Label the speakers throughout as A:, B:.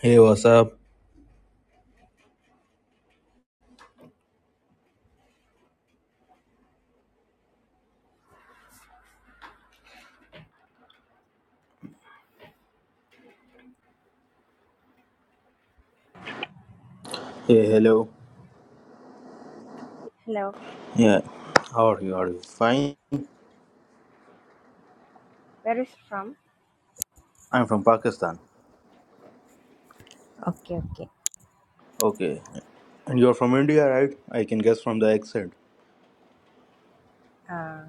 A: Hey, what's up? Hey, hello.
B: Hello,
A: Yeah, how are you? Are you fine?
B: where is from?
A: I'm from Pakistan.
B: Okay, okay.
A: Okay, and you're from India, right? I can guess from the accent.
B: Uh,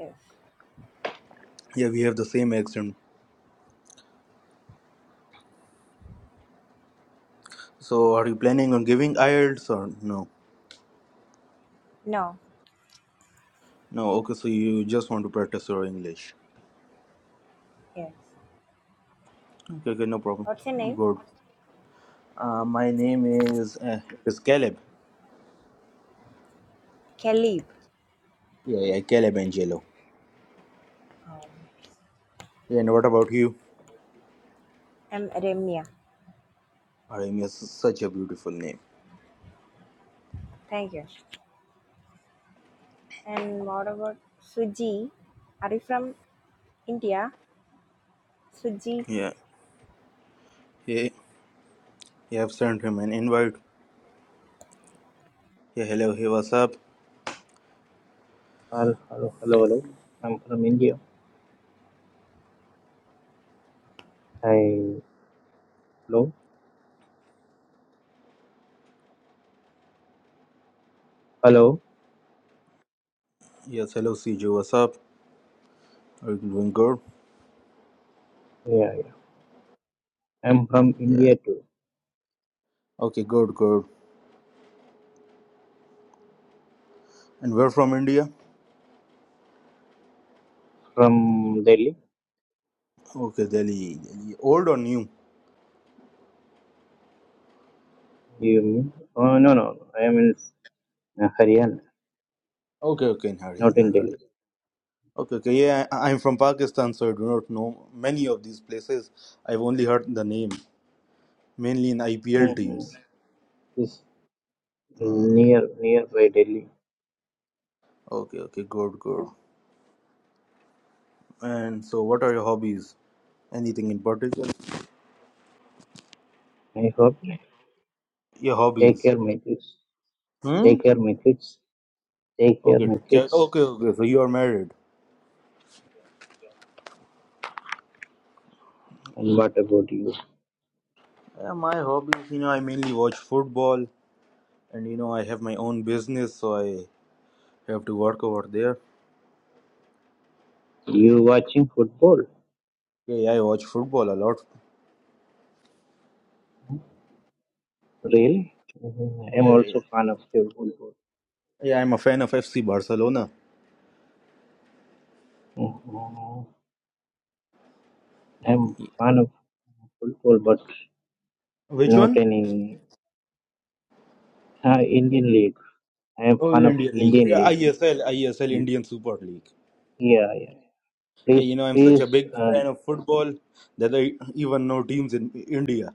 B: Yes.
A: Yeah, we have the same accent. So, are you planning on giving IELTS or no?
B: No,
A: No, okay, so you just want to practice your English.
B: yes.
A: Okay, okay, no problem.
B: What's your name?
A: Good. Uh, my name is uh, is Caleb.
B: Kalib.
A: Yeah, yeah, Caleb Angelo.
B: um,
A: Yeah, and what about you?
B: I'm Remya.
A: I mean, it's such a beautiful name.
B: Thank you. And what about Suji? Are you from India? Suji?
A: Yeah, Hey. You have sent him an invite. Yeah, hello, hey, what's up?
C: Hello, hello, hello, hello. I'm from India. Hi. Hello, hello.
A: Yes, hello CJ, what's up? Are you doing good?
C: Yeah, yeah. I'm from
A: Yeah.
C: India too.
A: Okay, good, good. And where from India?
C: From Delhi.
A: Okay, Delhi, Delhi. Old or new?
C: You mean? Oh, no, no. no. I am in uh, Haryana,
A: Okay, okay, in
C: not in
A: Haryana, Haryana.
C: Delhi.
A: Okay, okay, yeah, I, I'm from Pakistan, so I do not know many of these places. I've only heard the name, mainly in IPL
C: Mm-hmm.
A: teams.
C: It's near, near by Delhi.
A: Okay, okay, good, good. And so, what are your hobbies? Anything in particular?
C: I hope. you
A: Your
C: Take
A: hobbies?
C: care, my kids.
A: Hmm?
C: Take care, my kids. Take care,
A: Okay,
C: my
A: okay,
C: kids.
A: okay, okay. So you are married.
C: And what about you?
A: Uh, my hobbies, you know, I mainly watch football. and you know I have my own business, so I have to work over there.
C: You watching football?
A: Yeah, I watch football a lot.
C: Really? Mhm. I'm
A: Yeah, yeah,
C: also
A: yeah.
C: fan of the football.
A: Yeah, I'm a fan of FC Barcelona.
C: Mhm. I'm fan of football, but
A: Which
C: Not
A: one?
C: any uh, Indian league. I am
A: Oh,
C: fan of
A: Indian League.
C: Indian
A: Yeah, I
C: league.
A: S L, I S L
C: Mm.
A: Indian Super League.
C: Yeah, yeah.
A: Yeah, you
C: Please,
A: know I'm such a
C: please.
A: big
C: Uh,
A: fan of football that I even know teams in India.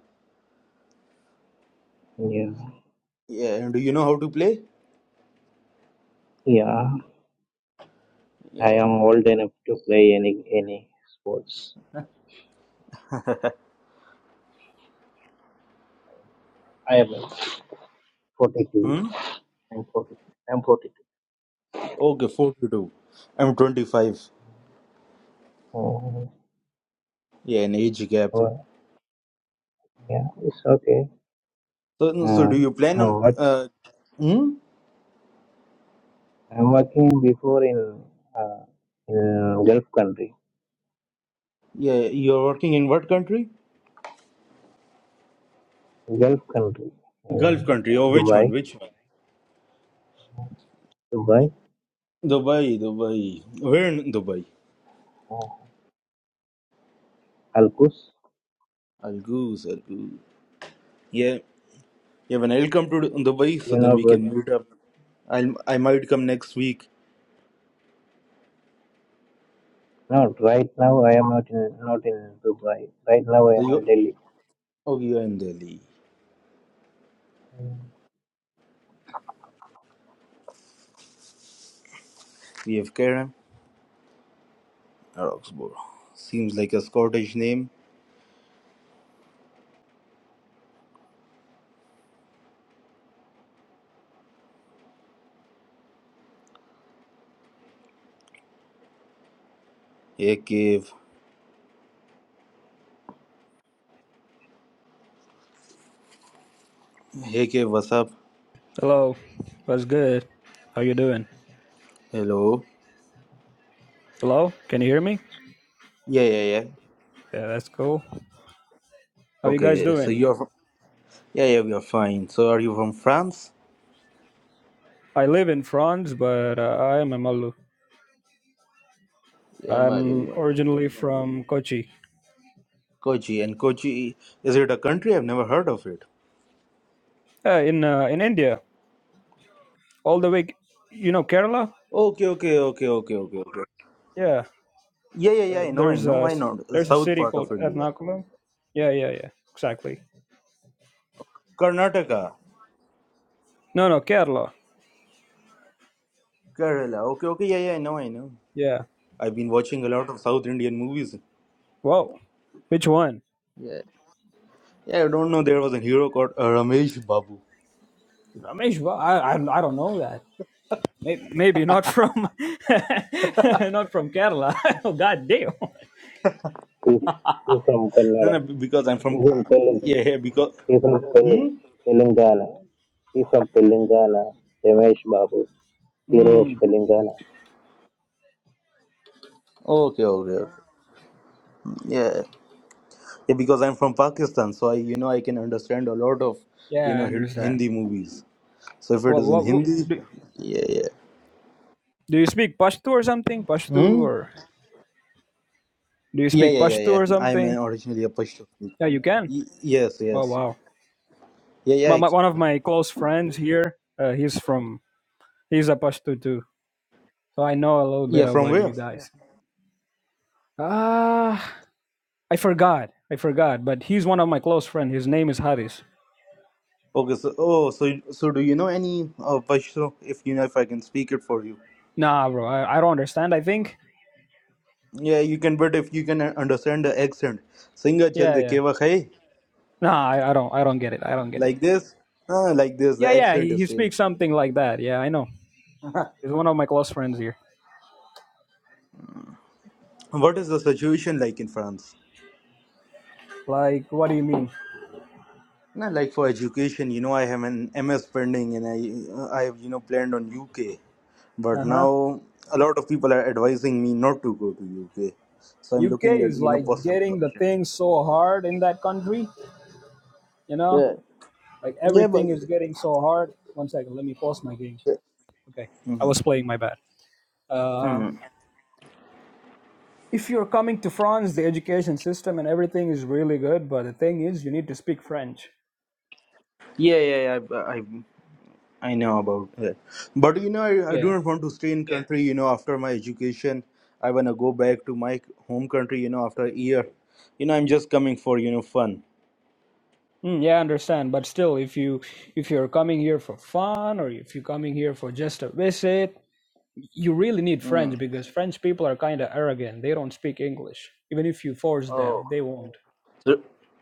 C: yeah,
A: Yeah, and do you know how to play?
C: yeah. I
A: Yeah.
C: am old enough to play any any sports. I am 42.
A: Hmm.
C: I'm 42. I'm 42.
A: Okay, forty-two. I'm twenty-five.
C: Oh,
A: Yeah, an age gap.
C: well, yeah. It's okay.
A: So, so
C: Uh,
A: do you plan
C: uh,
A: on?
C: what's
A: Uh, hmm?
C: I'm working before in uh, in Gulf country.
A: Yeah, you're working in what country?
C: Gulf country. Uh,
A: Gulf country. Oh, which one?
C: Dubai.
A: Which one?
C: Dubai.
A: Dubai, Dubai. We're in Dubai.
C: Uh, Alkus.
A: Al Ghuz. Al Ghuz. Yeah, yeah. When I'll come to Dubai, so
C: You know
A: then we
C: about
A: can meet up. I'll I might come next week.
C: No, right now I am not in not in Dubai. Right now I
A: So
C: am in
A: you,
C: Delhi.
A: oh, you are in Delhi. We have Karam. or Oxbow. Seems like a Scottish name. Hey, Cave. Hey, Cave. What's up?
D: Hello, what's good? How you doing?
A: Hello.
D: Hello, can you hear me?
A: Yeah, yeah, yeah.
D: Yeah, that's cool. How you guys
A: Okay, so
D: doing?
A: you're from, yeah, yeah. We are fine. So are you from France?
D: I live in France, but uh, I am a Malu.
A: Yeah, Malu.
D: I'm
A: Malu.
D: originally from Kochi,
A: Kochi and Kochi. Is it a country? I've never heard of it.
D: uh, in uh, in India. All the way, you know Kerala.
A: Okay, okay, okay, okay, okay, okay.
D: Yeah,
A: Yeah, yeah, yeah.
D: uh,
A: I know, I
D: there's
A: know.
D: a
A: Why not? The
D: there's a
A: South
D: city
A: part of
D: called
A: India,
D: Ernakulam. Yeah, yeah, yeah, exactly.
A: Karnataka,
D: No, no, Kerala.
A: Kerala. Okay, okay. Yeah, yeah. I know, I know.
D: Yeah.
A: I've been watching a lot of South Indian movies.
D: Whoa, which one?
A: Yeah, yeah. I don't know. There was a hero called uh, Ramesh Babu.
D: Ramesh, wha- I I, I don't know that. May- Maybe not from not from Kerala. oh God damn.
C: He's, he's from
A: No,
C: Kannada.
A: no. be- Because I'm
C: He's
A: from. Uh,
C: from Telugu.
A: Yeah, yeah. Because.
C: He's from Telugu.
A: Hmm.
C: Telangana. He's from Telangana. Ramesh Babu, hero of
D: Mm,
C: Telangana.
A: Okay, okay. okay. Yeah. Yeah, because I'm from Pakistan, so I, you know, I can understand a lot of, you
D: yeah, I
A: know, Hin-
D: understand.
A: Hindi movies. So if it
D: What,
A: is in
D: what what
A: Hindi,
D: do
A: yeah, yeah.
D: do you speak Pashto or something? Pashto
A: Hmm?
D: or do you
A: Yeah,
D: speak
A: yeah, yeah,
D: Pashto or
A: yeah. I'm
D: something?
A: uh, originally a Pashto. Y-
D: Yeah, you can.
A: yes,
D: Oh
A: yes.
D: wow.
A: Yeah, yeah,
D: My,
A: I-
D: my,
A: c-
D: one of my close friends here, uh, he's from he's a Pashto too. So I know a little
A: yeah.
D: bit
A: From
D: about
A: where?
D: you guys. Ah, I forgot. I forgot. But he's one of my close friends. His name is Haris.
A: Okay, so oh, so you- so do you know any uh, Pashto? If you know, if I can speak it for you.
D: Nah, bro. I, I don't understand. I think.
A: Yeah, you can, but if you can uh, understand the accent, Singa
D: Yeah,
A: chalde
D: yeah.
A: keva khai
D: No, I, I don't. I don't get it. I don't get it.
A: like this, uh, like this.
D: Yeah,
A: The
D: yeah.
A: accent
D: He,
A: is
D: he
A: same.
D: speaks something like that. Yeah, I know. He's one of my close friends here.
A: what is the situation like in France?
D: Like, what do you mean?
A: No, like for education, you know, I have an MS pending, and I I have you know planned on UK. but
D: Uh huh.
A: now a lot of people are advising me not to go to UK. So I'm
D: UK
A: looking at
D: is
A: you know
D: like
A: possible
D: getting the
A: options.
D: thing so hard in that country. You
A: Yeah,
D: know, like
A: yeah, but
D: everything is getting so hard. One second. Let me pause my game. Okay, I
A: hmm
D: was playing my bad. Uh,
A: hmm
D: if you're coming to France, the education system and everything is really good. But the thing is, you need to speak French.
A: Yeah, yeah, yeah. I, I, I know about that. But you know, I, I
D: Yeah
A: do not want to stay in country. You know, after my education, I wanna go back to my home country. You know, after a year, you know, I'm just coming for you know fun.
D: Mm, yeah, I understand. But still, if you if you're coming here for fun or if you're coming here for just a visit, you really need French
A: Mm.
D: because French people are kind of arrogant. They don't speak English. Even if you force
A: oh,
D: them, they won't.
A: So,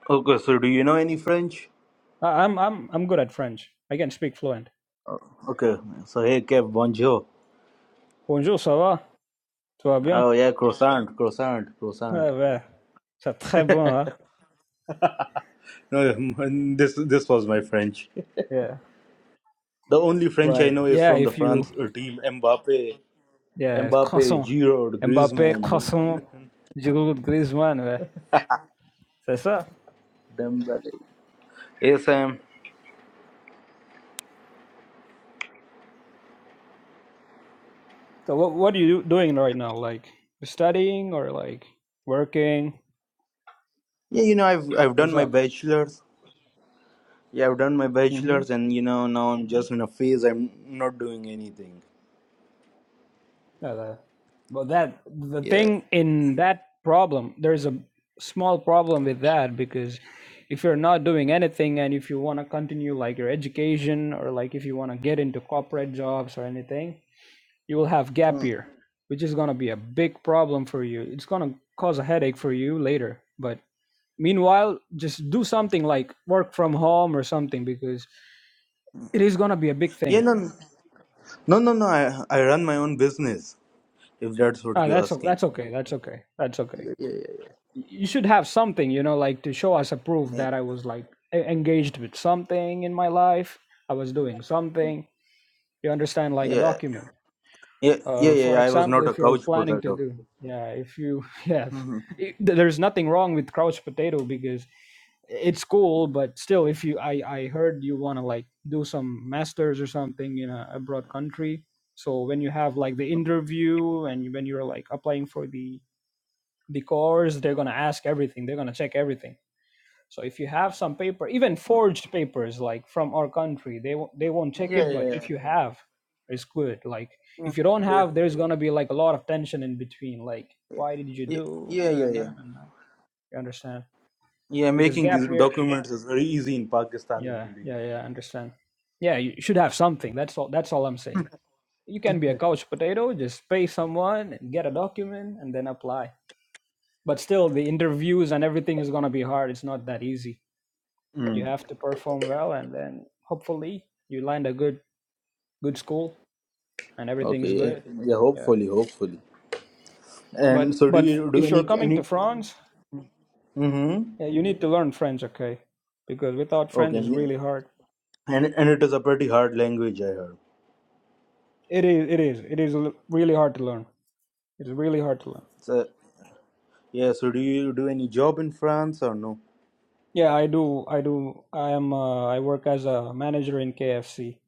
A: okay, so do you know any French?
D: I, I'm I'm I'm good at French. I can speak fluent.
A: Oh, Okay, so hey, Kev, bonjour.
D: Bonjour, ça va? Tout va bien?
A: Oh yeah, croissant, croissant, croissant.
D: Ouais, ouais. C'est très bon, hein?
A: no, mm, this this was my French.
D: Yeah.
A: The only French I
D: But
A: know is
D: yeah,
A: from the
D: if you
A: France uh, team: Mbappe,
D: yeah,
A: Mbappe,
D: croissant,
A: Giroud,
D: Mbappé,
A: Griezmann,
D: croissant, Giroud, Griezmann, ouais. C'est ça.
A: Dembele. Yes, Sam.
D: So what what are you doing right now? Like studying or like working?
A: Yeah, you know I've I've
D: What's
A: done my
D: up?
A: bachelor's. Yeah, I've done my
D: Mm-hmm.
A: bachelor's, and you know now I'm just in a phase. I'm not doing anything.
D: Yeah, the, but that the
A: Yeah.
D: thing in that problem, there's a small problem with that because if you're not doing anything and if you want to continue like your education or like if you want to get into corporate jobs or anything, you will have gap
A: Mm.
D: year, which is gonna be a big problem for you. It's gonna cause a headache for you later, but Meanwhile, just do something like work from home or something because it is gonna be a big
A: Yeah,
D: thing.
A: no, no, no, no. no, I I run my own business. If that's what
D: Ah,
A: you're
D: that's o-
A: asking.
D: that's okay. That's okay. That's okay.
A: Yeah, yeah,
D: Y- You should have something, you know, like to show us a proof
A: yeah.
D: that I was like e- engaged with something in my life. I was doing something. You understand, like a
A: yeah.
D: document.
A: Yeah, yeah,
D: Uh,
A: yeah.
D: for
A: yeah, I was
D: example,
A: not a
D: if you're
A: couch
D: planning to
A: potato.
D: do, yeah, if you, yeah,
A: hmm
D: it- th- there's nothing wrong with couch potato because it's cool but still if you i i heard you want to like do some masters or something in a abroad country so when you have like the interview and when you're like applying for the the course they're going to ask everything they're going to check everything so if you have some paper even forged papers like from our country they won't they won't check
A: Yeah,
D: it but
A: yeah,
D: if you have it's good like
A: yeah,
D: if you don't
A: yeah,
D: have there's going to be like a lot of tension in between like
A: yeah,
D: why did you do
A: yeah, yeah,
D: and
A: yeah.
D: you understand
A: Yeah,
D: because
A: making
D: gap
A: these
D: year
A: documents is very easy in Pakistan and
D: Yeah,
A: India.
D: yeah, yeah. I understand. Yeah, you should have something. That's all. That's all I'm saying. You can be a couch potato. Just pay someone and get a document and then apply. But still, the interviews and everything is gonna be hard. It's not that easy. You
A: Mm.
D: have to perform well, and then hopefully you land a good good school and everything's
A: Okay. Yeah.
D: good.
A: yeah.
D: Yeah.
A: Hopefully, hopefully.
D: But
A: And so, do
D: but
A: you do
D: if you're
A: any
D: coming to
A: any?
D: France,
A: Mm-hmm.
D: yeah, you need to learn French, okay? Because without French,
A: Okay.
D: it's
A: And you-
D: really hard.
A: and and it is a pretty hard language, I heard.
D: It is. It is. It is a really hard to learn. It's really hard to learn.
A: So yeah. So, do you do any job in France or no?
D: Yeah, I do. I do. I am. Uh, I work as a manager in KFC.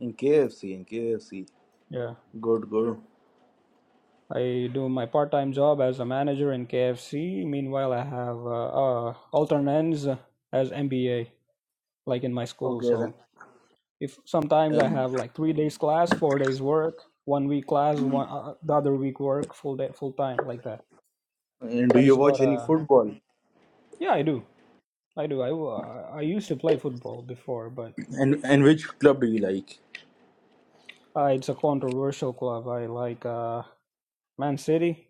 A: In KFC, in KFC.
D: Yeah,
A: Good, good.
D: I do my part-time job as a manager in KFC. Meanwhile, I have uh, uh, alternates as MBA, like in my school.
A: Okay then.
D: So if sometimes I
A: Um,
D: have like three days class, four days work, one week class,
A: mm,
D: one uh, uh, the other week work full day, full time, like that.
A: and do
D: That
A: you
D: is
A: watch
D: what.
A: any
D: Uh,
A: football?
D: yeah, I do. I do. I uh, I used to play football before, but
A: And and which club do you like?
D: uh, it's a controversial club. I like uh, Man City.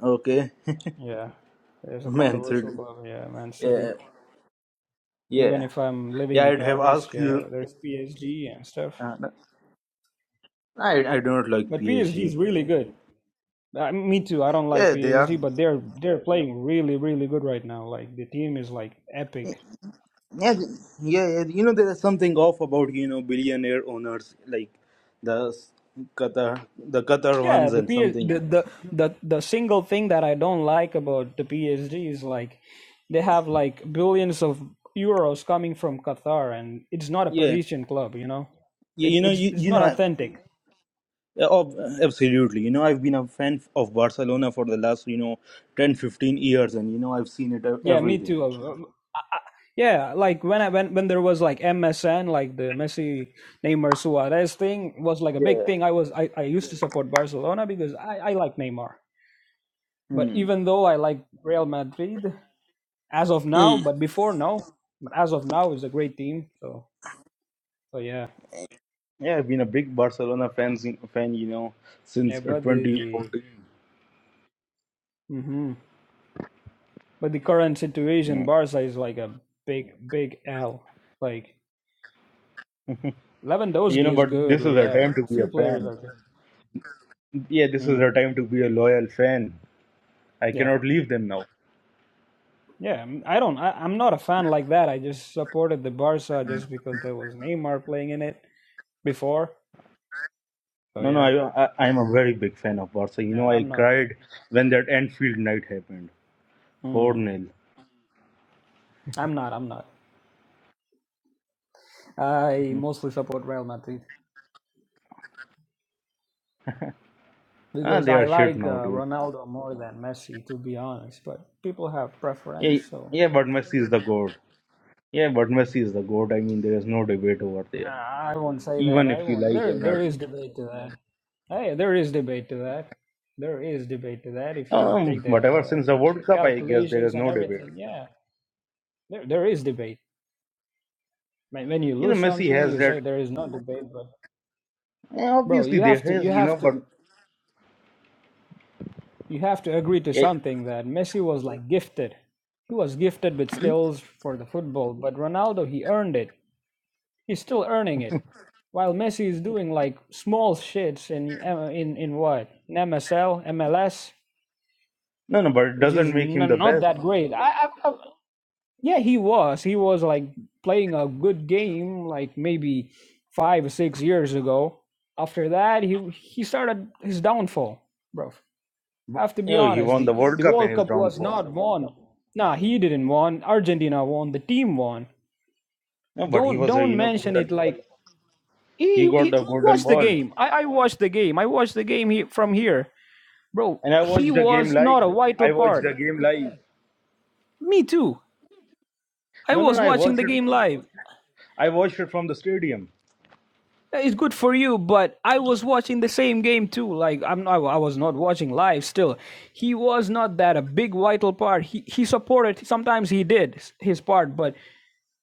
A: Okay,
D: Yeah, there's a
A: Man
D: controversial
A: City.
D: club. Yeah, Man City.
A: Yeah,
D: Even
A: yeah,
D: if I'm living
A: yeah.
D: in
A: I'd have
D: Paris,
A: asked
D: yeah,
A: you.
D: there's PSG and stuff.
A: Uh, no, I I don't like
D: But PSG
A: PSG.
D: is really good. Uh, me too. I don't like
A: Yeah, they are.
D: PSG, but they're they're playing really really good right now. Like the team is like
A: Yeah,
D: epic.
A: yeah, yeah. You know, there is something off about you know billionaire owners like the s- Qatar, the Qatar
D: Yeah,
A: ones,
D: the
A: and
D: P
A: something.
D: the the the, the single thing that I don't like about the PSG is like they have like billions of euros coming from Qatar, and it's not a
A: Yeah,
D: Parisian club. You know,
A: yeah.
D: it,
A: You know,
D: it's
A: you
D: it's
A: you
D: not
A: know. I,
D: authentic.
A: yeah, ob- absolutely. You know, I've been a fan of Barcelona for the last, you know, 10 15 years, and, you know, I've seen it, uh,
D: Yeah, me
A: everything.
D: too. uh, Yeah, like when I when when there was like MSN, like the Messi, Neymar, Suarez thing was like a big
A: Yeah.
D: thing. I was I, I used to support Barcelona because I I like Neymar. But
A: Hmm.
D: even though I like Real Madrid as of now,
A: Mm.
D: but before no, but as of now is a great team. So so yeah,
A: Yeah, I've been a big Barcelona fans fan, you know,
D: yeah.
A: since uh,
D: But the
A: 2014.
D: hmm but the current situation,
A: Mm.
D: Barca is like a big big L. Like
A: You
D: Lewandowski
A: know,
D: is
A: but
D: good.
A: this is a
D: Yeah,
A: time to
D: a
A: be a
D: few players
A: fan.
D: are good.
A: Yeah, this is
D: Mm,
A: a time to be a loyal fan. I
D: yeah.
A: cannot leave them now.
D: Yeah, I'm- I I'm not a fan like that. I just supported the Barca just because there was Neymar playing in it before. So
A: No, no,
D: yeah,
A: I, I, I'm a very big fan of Barca. You
D: yeah
A: know, I
D: I'm not.
A: cried when that Anfield night happened, four
D: Mm,
A: nil.
D: I'm not. I'm not. I mostly support Real Madrid
A: Ah,
D: because
A: they
D: I
A: are shit
D: like
A: now
D: uh,
A: too.
D: Ronaldo more than Messi, to be honest. But people have
A: Yeah,
D: preference, so
A: yeah, but Messi is the goat. Yeah, but Messi is the goat. I mean, there is no debate over
D: uh,
A: there.
D: I won't say that.
A: Even
D: I
A: if you
D: won't.
A: like
D: There,
A: or
D: there
A: not.
D: is debate to that. Hey, there is debate to that. There is debate to that. If you take
A: Um, whatever.
D: the
A: Since the
D: take the
A: World Cup, I guess there is
D: calculations and
A: no debate.
D: everything, yeah, there there is debate when when you
A: You know,
D: lose
A: Messi
D: something
A: has
D: you say
A: that.
D: there is no debate but
A: eh,
D: bro
A: Obviously,
D: you
A: there
D: have to
A: is.
D: you
A: You
D: have
A: know,
D: to
A: but
D: you have to agree to
A: it,
D: something that messi was like gifted he was gifted with skills for the football but ronaldo he earned it he's still earning it while messi is doing like small shits in uh, in in what in msl mls
A: no, no, but it
D: which is
A: doesn't make him the
D: n- not
A: best.
D: that great I, I've, I've Yeah, he was. He was like playing a good game, like maybe five or six years ago. After that, he he started his downfall, bro. I
A: But,
D: have to
A: You
D: be
A: know, he
D: honest.
A: won the
D: The
A: World
D: the
A: Cup in
D: World
A: his
D: Cup was
A: downfall.
D: not won. Nah, he didn't won. Argentina won. The team won.
A: No, but he
D: Don't
A: was a
D: don't
A: you know
D: mention it
A: golden ball.
D: like
A: He
D: he,
A: got
D: he
A: the golden
D: watched the
A: ball,
D: game. I, I watched the game. I watched the game he, from here, bro.
A: and I
D: He
A: watched the game
D: was
A: live.
D: not a vital
A: I watched
D: part.
A: the game live.
D: Me too. I
A: No, no,
D: was
A: no. I
D: watching
A: watched
D: the
A: it.
D: game live.
A: I watched it from the stadium.
D: It's good for you, but I was watching the same game too. Like I'm, not, I was not watching live. Still, he was not that a big vital part. He he supported. Sometimes he did his part, but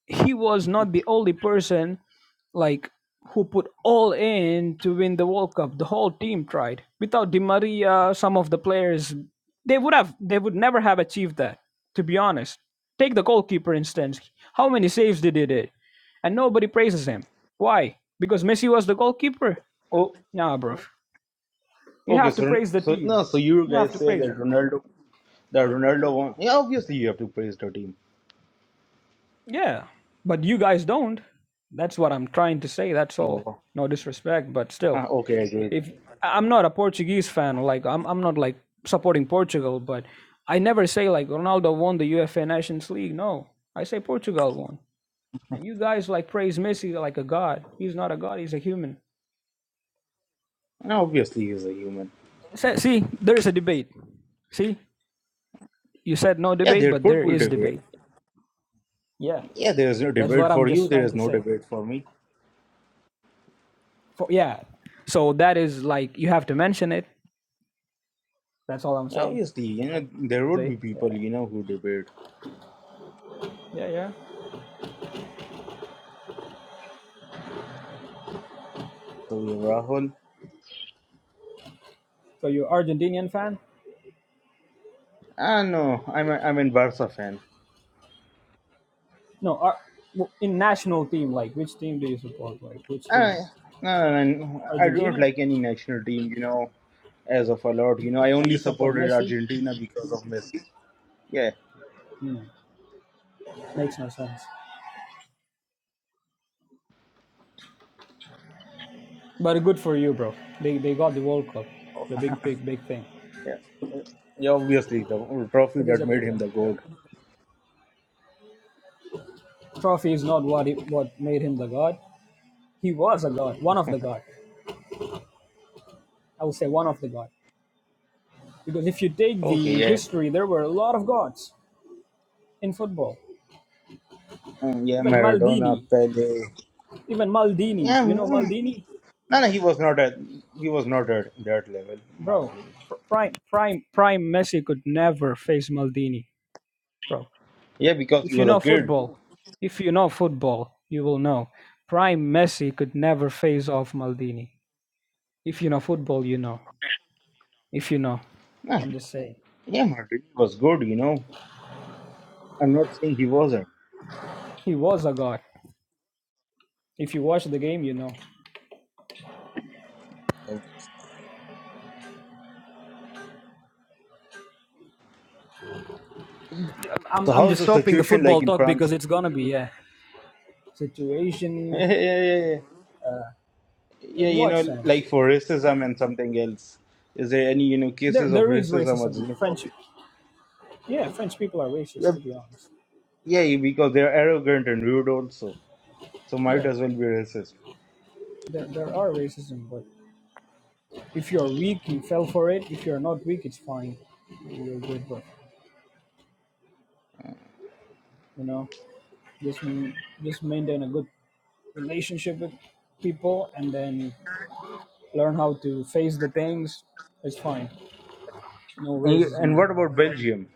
D: he was not the only person like who put all in to win the World Cup. The whole team tried. Without Di Maria, some of the players they would have they would never have achieved that. To be honest, take the goalkeeper instance. How many saves did he did, and nobody praises him. Why? Because Messi was the goalkeeper.
A: Oh,
D: Nah, bro. You
A: okay.
D: have to
A: So,
D: praise the
A: so
D: team.
A: no. So you
D: You have
A: guys
D: to
A: say
D: praise
A: that
D: it.
A: Ronaldo, that Ronaldo won. Yeah, obviously you have to praise the team.
D: Yeah, but you guys don't. That's what I'm trying to say. That's all.
A: Oh,
D: No disrespect, but
A: Ah,
D: still.
A: okay, I agree.
D: if I- am not a Portuguese fan, like I'm I'm not like supporting Portugal, but I never say like Ronaldo won the UEFA Nations League. No, I say Portugal won. And you guys like praise Messi like a god. He's not a god. He's a human.
A: Obviously, he is a human.
D: Se- See, there is a debate. See, you said no
A: Yeah,
D: debate,
A: there
D: but there
A: could be
D: is
A: debate.
D: debate. Yeah,
A: Yeah, there is no
D: that's what
A: debate
D: I'm
A: for you.
D: just
A: There
D: trying
A: is
D: to
A: no
D: say.
A: debate for me.
D: For, yeah, so that is like you have to mention it. That's all I'm saying.
A: Obviously, you know there would
D: See?
A: be people
D: Yeah,
A: you know who debate.
D: yeah, yeah.
A: So we have Rahul.
D: So you're Argentinian fan?
A: Ah no, I'm a, I'm a Barca fan.
D: No, uh, w- in national team, like which team do you support? Like which
A: I
D: team?
A: no, no, no, no, I don't
D: Argentina,
A: like any national team. You know, as of a lot. You know, I
D: and
A: only
D: you support
A: supported
D: Messi.
A: Argentina because of Messi. Yeah,
D: Hmm, makes no sense. But good for you, bro. They they got the World Cup, the big big big thing.
A: yeah. Yeah, obviously the trophy
D: It is
A: that
D: a big
A: made him
D: thing.
A: the
D: Yeah.
A: goat.
D: Trophy is not what it, what made him the god. He was a god, one of the god. I would say one of the god. Because if you take
A: Okay,
D: the
A: yeah.
D: history, there were a lot of gods in football.
A: Mm, Yeah,
D: Even
A: Maradona,
D: Maldini,
A: Pele.
D: even Maldini.
A: Yeah,
D: You know
A: mm,
D: Maldini?
A: No, no, he was not at he was not at that level,
D: Bro,
A: Maldini.
D: Pr- prime prime prime Messi could never face Maldini, bro.
A: Yeah, because he
D: If you
A: was a
D: know
A: kid.
D: football, if you know football, you will know. Prime Messi could never face off Maldini. If you know football, you know. If you know,
A: No,
D: I'm just saying.
A: yeah, Maldini was good, you know. I'm not saying he wasn't.
D: He was a god. If you watch the game, you know.
A: So
D: I'm I'm
A: how's
D: just
A: the
D: stopping the
A: situation
D: football
A: like in
D: talk because
A: France?
D: it's gonna be yeah. Situation
A: Yeah, yeah, yeah, yeah. Yeah,
D: in
A: you
D: what
A: know,
D: sense?
A: like for racism and something else. Is there any, you know,
D: There
A: cases of
D: there is
A: racism or
D: racism. French,
A: xenophobia?
D: yeah, French people are racist
A: Yeah,
D: to be honest.
A: yeah, because they're arrogant and rude also. So
D: Yeah,
A: might as well be racist.
D: there there are racism, but If you're weak, you fell for it. If you're not weak, it's fine. You're good, but you know, just m- just maintain a good relationship with people, and then learn how to face the things. It's fine. No
A: And, you-
D: racism
A: and
D: is
A: what
D: gonna
A: about
D: bother you.
A: Belgium?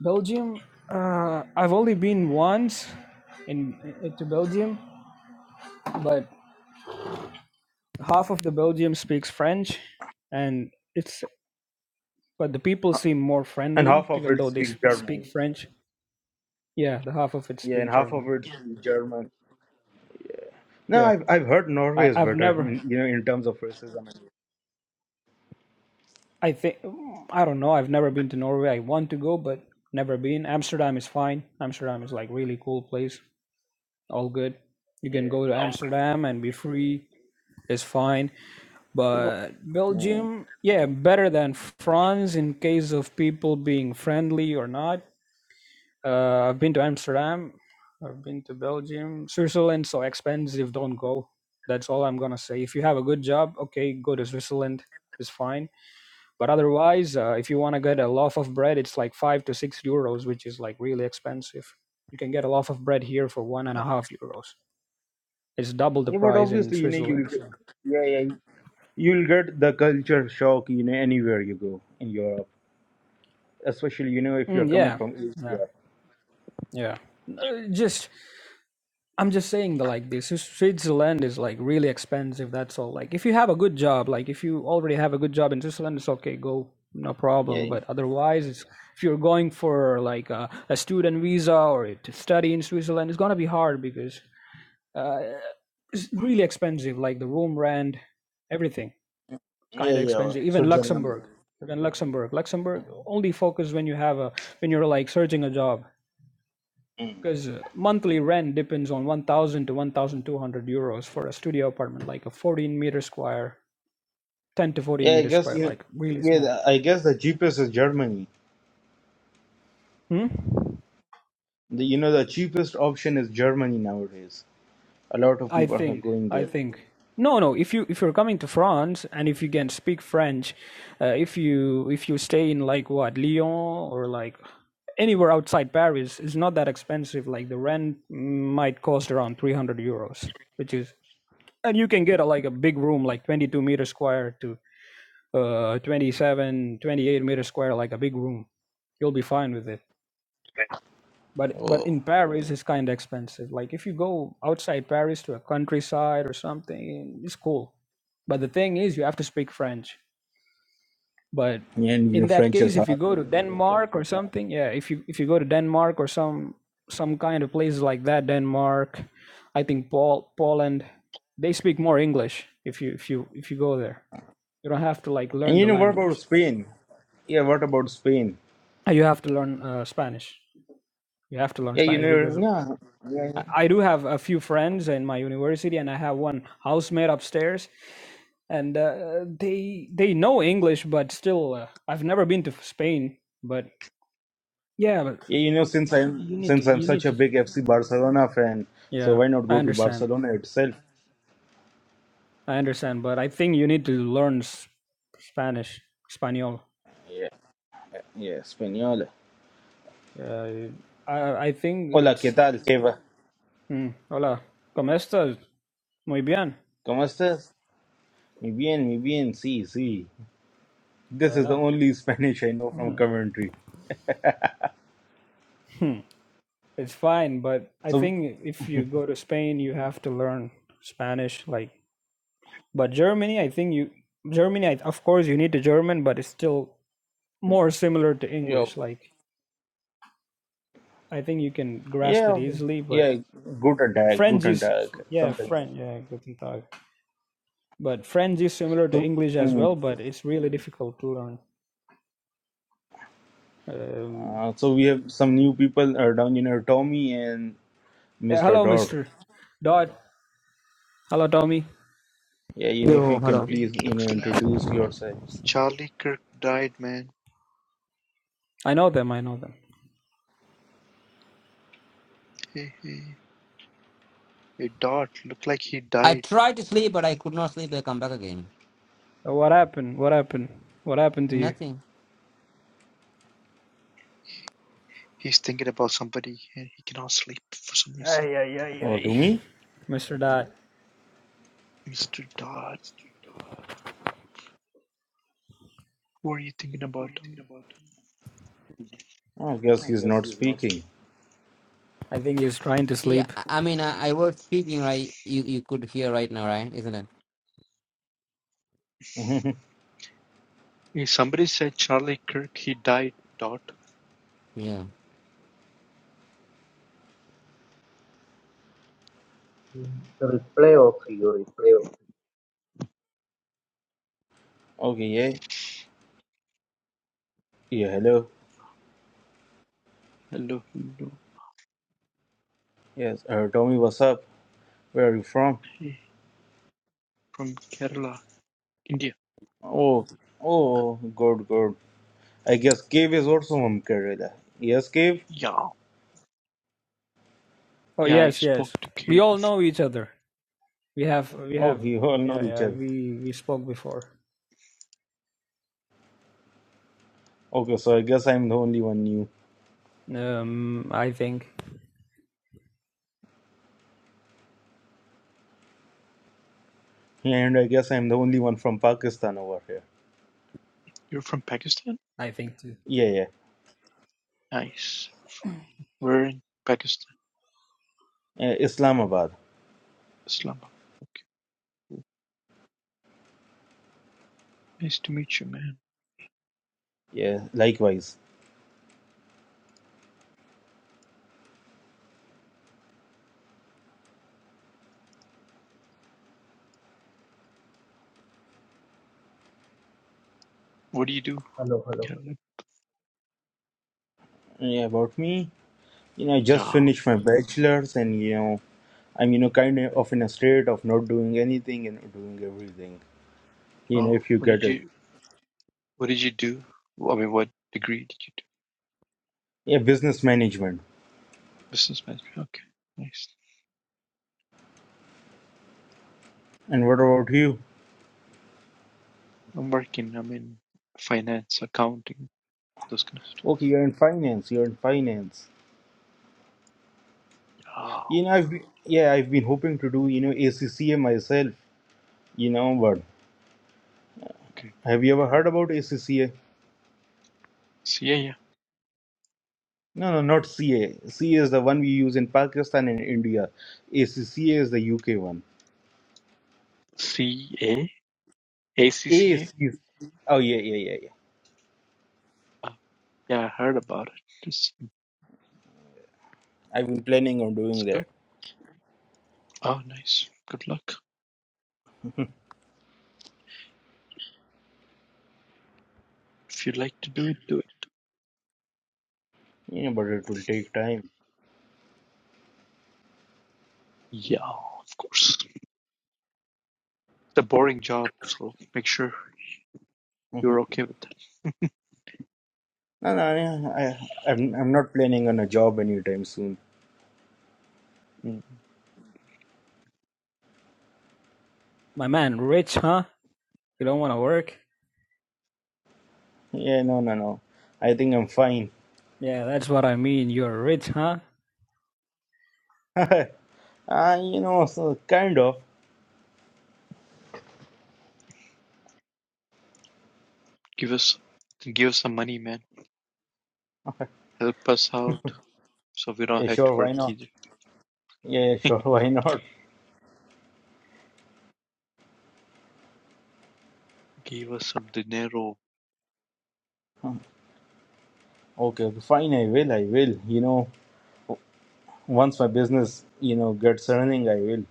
D: Belgium. Uh, I've only been once in in to Belgium, but half of the Belgium speaks French, and it's but the people seem more
A: And half
D: friendly,
A: of
D: even
A: it
D: though they s-
A: speaks
D: speak
A: German.
D: French. Yeah, the half of it
A: Yeah, and
D: speak
A: half of
D: German.
A: it speaks German. No,
D: Yeah.
A: I've I've heard Norway
D: I,
A: is
D: I've
A: better,
D: never,
A: in, you know, in terms of racism. And,
D: I think, I don't know. I've never been to Norway. I want to go, but never been. Amsterdam is fine. Amsterdam is like really cool place. All good. You
A: yeah.
D: can go to Amsterdam and be free. It's fine.
A: Yeah, but
D: But
A: Hmm.
D: Belgium, yeah, better than France in case of people being friendly or not. Uh, I've been to Amsterdam. I've been to Belgium. Switzerland, so expensive. Don't go. That's all I'm gonna say. If you have a good job, okay, go to Switzerland. It's fine But otherwise, uh, if you want to get a loaf of bread, it's like five to six euros, which is like really expensive. You can get a loaf of bread here for one and a half euros. It's double the
A: Yeah, but
D: price in
A: obviously, you know, you'll
D: Switzerland.
A: get,
D: So.
A: yeah, yeah, you'll get the culture shock, you know, anywhere you go in Europe, especially, you know, if you're
D: Mm,
A: coming
D: yeah,
A: from
D: yeah,
A: Asia.
D: yeah. Uh, just I'm just saying that like this Switzerland is like really expensive. That's all. Like if you have a good job, like if you already have a good job in Switzerland, it's okay. Go, no problem.
A: Yeah,
D: But otherwise, it's if you're going for like a, a student visa or to study in Switzerland, it's gonna be hard because uh, it's really expensive, like the room rent, everything
A: yeah,
D: kind of
A: yeah. well,
D: expensive. Even
A: Switzerland.
D: Luxembourg, even Luxembourg, Luxembourg only focus when you have a when you're like searching a job
A: Mm.
D: because uh, monthly rent depends on 1,000 to 1,200 euros for a studio apartment, like a 14 meter square, 10 to 14
A: Yeah, I
D: meter
A: guess
D: square,
A: you.
D: like really
A: Yeah,
D: small.
A: the- I guess the cheapest is Germany.
D: Hmm?
A: The, you know, the cheapest option is Germany nowadays. A lot of
D: I
A: people are
D: think.
A: going
D: I
A: there.
D: think. No, no. If you if you're coming to France and if you can speak French, uh, if you if you stay in like what Lyon or like anywhere outside Paris, it's not that expensive. Like the rent might cost around three hundred euros, which is and you can get a, like a big room, like twenty two meter square to uh twenty-seven, twenty-eight 28 meter square like a big room you'll be fine with it but but
A: Oh,
D: in paris it's kind of expensive like if you go outside paris to a countryside or something it's cool but the thing is you have to speak french but
A: yeah, and you
D: in
A: know,
D: that
A: French is
D: case
A: hard.
D: if you go to denmark or something yeah if you if you go to denmark or some some kind of places like that denmark i think Paul, poland they speak more english if you if you if you go there you don't have to like
A: And
D: learn
A: you
D: the
A: know what about
D: language
A: Spain? Yeah, what about Spain?
D: Uh, you have to learn uh, spanish you have to learn
A: Yeah, you
D: spanish
A: know,
D: because
A: yeah, yeah,
D: I
A: yeah.
D: I do have a few friends in my university, and I have one housemate upstairs, and uh, they they know English, but still, uh, I've never been to Spain. But yeah, but
A: Yeah, you know, since I'm
D: you need to
A: since I'm
D: you
A: such
D: need
A: a
D: to.
A: big FC Barcelona fan, so
D: Yeah,
A: why not
D: I
A: go to
D: understand.
A: Barcelona itself?
D: I understand, but I think you need to learn s- Spanish, Espanol.
A: Yeah, yeah, Española.
D: Uh, I I think
A: Hola, ¿qué
D: it's.
A: tal, Eva?
D: Mm, hola, cómo estás? Muy bien.
A: ¿Cómo estás? Muy bien, muy bien. Sí, sí. This is the
D: Hola.
A: only Spanish I know from Coventry.
D: It's fine, but I
A: So,
D: think if you go to Spain, you have to learn Spanish. Like, but Germany, I think you Germany, I, of course, you need the German, but it's still more similar to
A: yeah,
D: English. Like, I think you can grasp it
A: yeah,
D: easily. But
A: yeah. Guten Tag,
D: French
A: Guten
D: is,
A: Tag,
D: yeah,
A: something.
D: French, yeah, guten Tag. But French is similar to
A: So,
D: English as
A: mm,
D: well, but it's really difficult to learn. Um,
A: uh, so we have some new people uh, down in our Tommy and
D: yeah,
A: Mr.
D: hello,
A: Dodd.
D: Mister Dodd. Hello, Tommy.
A: Yeah, and if
E: Hey,
F: Yo,
A: you can
F: hello.
E: hey,
A: please, you
E: looks
A: know,
E: like
A: introduce yourselves.
E: Charlie Kirk died, man.
D: I know them. I know them.
E: Hey, hey, hey, Dot, look like he
F: I
E: died.
F: tried to sleep, but I could not sleep. I come back again.
D: What happened? What happened? What happened to you?
F: Nothing.
E: He's thinking about somebody and he cannot sleep for some reason.
D: Ay, ay, ay,
A: Or to
D: ay.
A: me?
D: Mr. Dot.
E: Mr. Dot, what are you thinking about, Dot?
A: I guess he's not speaking.
D: I think he's trying to
F: Yeah,
D: sleep.
F: I I mean, I, I was speaking, right? You you could hear right now, right? Isn't it?
A: okay,
E: Hey, somebody said Charlie Kirk, he died, Dot.
F: Yeah.
C: The reply of your reply of
A: yeah. Yeah, hello.
E: Hello, hello.
A: Yes, uh, Tommy, what's up? Where are you from?
E: Hey, from Kerala, India.
A: Oh, oh, good, good. I guess Cave is also from Kerala. Yes, Cave?
E: Yeah,
D: Oh
E: yeah, I
D: yes,
E: spoke
D: yes.
E: to
D: We
E: you
D: all
E: before.
D: know each other. We have we
A: Oh,
D: have
A: you all know
D: yeah,
A: each
D: yeah,
A: other.
D: we we spoke before.
A: Okay, so I guess I'm the only one new.
D: Um I think
A: Yeah, And I guess I'm the only one from Pakistan over here.
E: You're from Pakistan?
D: I think too.
A: Yeah,
E: Nice. We're in Pakistan,
A: yeah. Uh, Islamabad.
E: Islamabad. Okay. Nice to meet you, man.
A: Yeah, likewise.
E: What do you do?
C: hello, hello,
E: Kerala?
A: Yeah, about me? you know, I just
E: Yeah.
A: finished my bachelor's and, you know, I'm, you know, kind of in a state of not doing anything and doing everything, you know,
E: Oh,
A: if you
E: what
A: get
E: did
A: it.
E: you what did you do? I mean, what degree did you do?
A: Yeah, business management.
E: Business management. Okay, nice.
A: And what about you?
E: I'm working. I'm in finance, accounting, those kind of stuff.
A: Okay, you're in finance. You're in finance.
E: Oh,
A: You know, I've been, yeah, I've been hoping to do, you know, ACCA myself, you know, but
E: okay.
A: have you ever heard about ACCA?
E: So yeah, yeah.
A: No, no, not CA. CA is the one we use in Pakistan and India. ACCA is the UK one.
E: C A A C C A.
A: ACCA. Oh, yeah, yeah, yeah, yeah.
E: Uh, yeah, I heard about it. It's
A: I've been planning on
E: it's
A: doing
E: good.
A: that.
E: Oh, nice. Good luck. If you like to do it, do it.
A: Yeah, but it will take time.
E: Yeah, of course. It's a boring job, so make sure you're
A: Mhm.
E: okay with that.
A: No, no, I, I- I'm, I'm not planning on a job anytime soon.
E: Mm.
D: My man, rich, huh? You don't wanna work?
A: Yeah, no, no, no. I think I'm fine.
D: Yeah, that's what I mean. You're rich, huh?
A: Ah, you know, so kind of.
E: Give us give us some money, man. Help us out, so we don't
A: Yeah,
E: have to
A: sure,
E: work
A: why not?
E: either.
A: Yeah, yeah, sure, why not?
E: Give us some dinero.
A: Hmm, Okay, okay, fine, I will, I will. You know, once my business, you know, gets running, I will.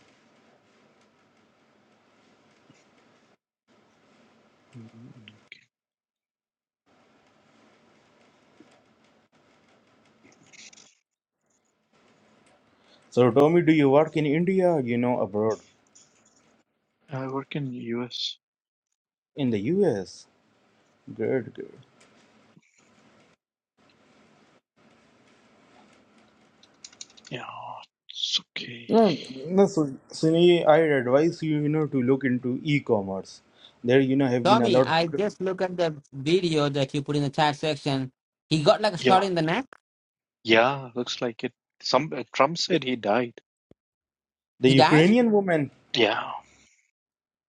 A: So, Tommy, do you work in India, or, you know, abroad?
E: I work in US.
A: In the US? Good, good.
E: Yeah, it's okay.
A: No, no, So, Sunny, I advise you, you know, to look into e-commerce. There, you know, have been a
F: Tommy,
A: lot of
F: I just look at the video that you put in the chat section. He got like a
E: Yeah,
F: shot in the neck.
E: yeah, looks like it. Some uh, Trump said he died.
A: the
F: He died.
A: Ukrainian woman.
E: Yeah,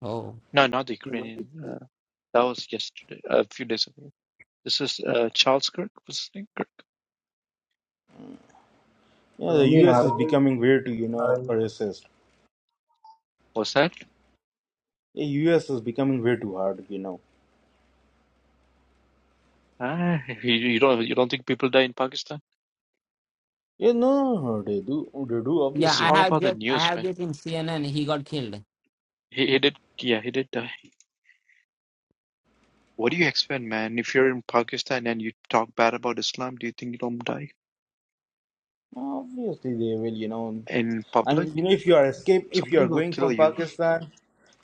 F: Oh.
E: no, not the Ukrainian. Uh, that was yesterday, a few days ago. This is uh, Charles Kirk. What's his name? Kirk.
A: You
C: hello.
A: the
C: Tommy,
A: U.S.
C: are
A: is
C: you?
A: becoming way too, you
C: Are
A: know,
C: you?
A: racist.
E: What's that?
A: The U.S. is becoming way too hard, you know.
E: Ah, you, you don't you don't think people die in Pakistan?
A: Yeah, no, they do, they do.
F: Yeah,
E: It's
A: Obviously,
F: I
A: they
E: all
A: do.
F: have
E: about the
F: just I
E: news,
F: have
E: man.
F: just in CNN. He got killed.
E: He, he did, yeah, he did die. What do you expect, man? If you're in Pakistan and you talk bad about Islam, do you think you don't die
A: Obviously, they will, you know.
E: in
A: I
E: public?
A: mean, you know, if you are escape, if you are
E: Somebody will
A: going
E: kill
A: from
E: you.
A: Pakistan,